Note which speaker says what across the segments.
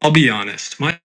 Speaker 1: I'll be honest. My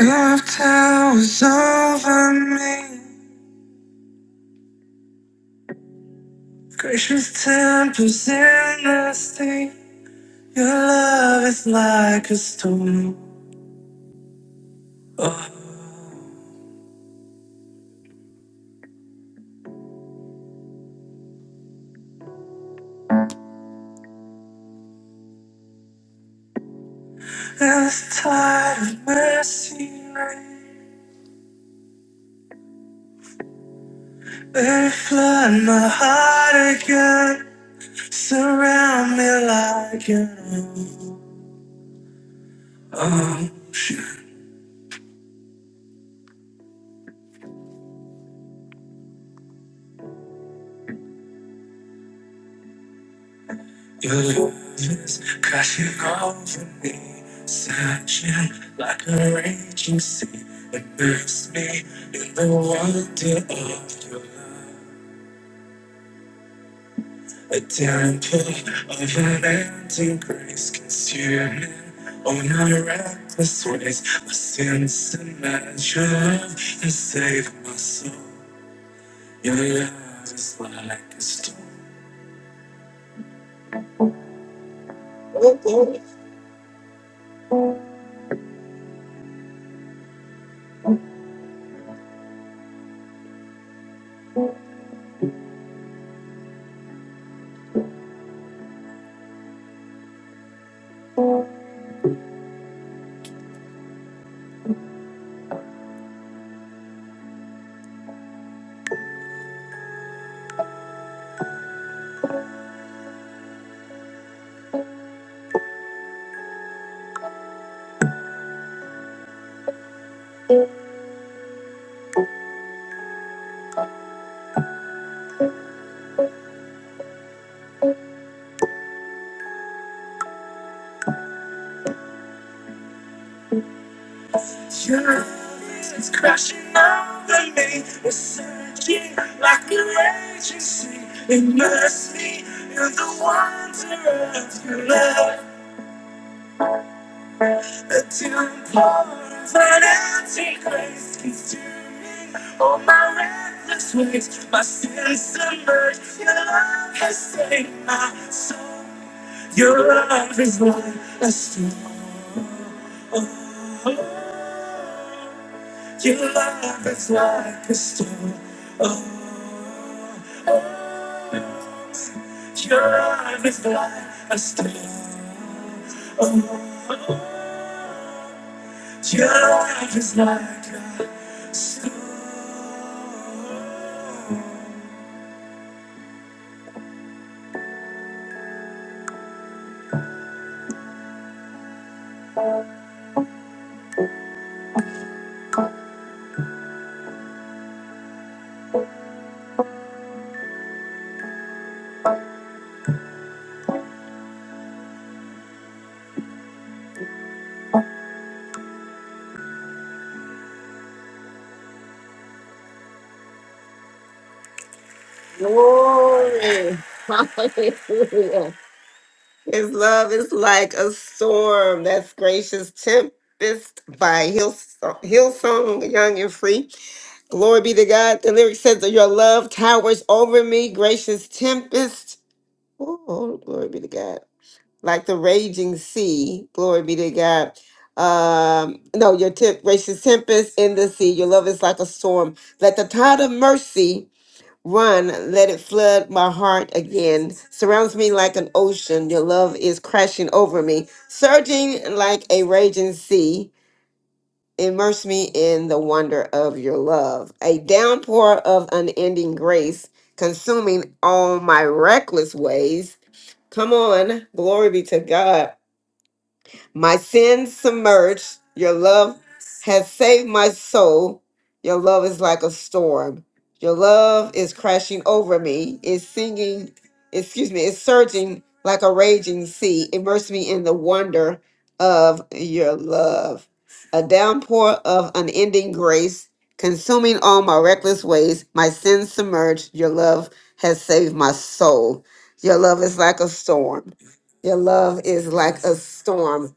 Speaker 1: love towers over me. Gracious tempers in the state. Your love is like a storm. Oh, and this tide of mercy rain. Let it flood my heart again. Surround me like an ocean. Your love's crashing over me, searching like a raging sea. Immerse me in the wonder of your love. A temple of unending grace, consuming all my reckless ways. My sins and your love has saved my soul. Your love is like a storm. Your love is crashing over me. It's surging like a raging sea. Immerse me in the wonder of your love. The downpour of an empty grace consuming all my reckless ways. My sins submerged. Your love has saved my soul. Your love is like a storm. Your love is like a storm. Oh, oh, your love is like a storm. Oh, oh, your love is like a storm. Glory. Hallelujah. His love is like a storm. That's gracious tempest by Hill Hillsong Young and Free. Glory be to God. The lyric says that your love towers over me, gracious tempest. Oh, glory be to God. Like the raging sea. Glory be to God. Um, no, your tip, gracious tempest in the sea. Your love is like a storm. Let the tide of mercy run. Let it flood my heart again. Surrounds me like an ocean. Your love is crashing over me, surging like a raging sea. Immerse me in the wonder of your love, a downpour of unending grace, consuming all my reckless ways. Come on, glory be to God. My sins submerged. Your love has saved my soul. Your love is like a storm. Your love is crashing over me. It's singing, excuse me, it's surging like a raging sea. Immerse me in the wonder of your love. A downpour of unending grace, consuming all my reckless ways. My sins submerged. Your love has saved my soul. Your love is like a storm. Your love is like a storm.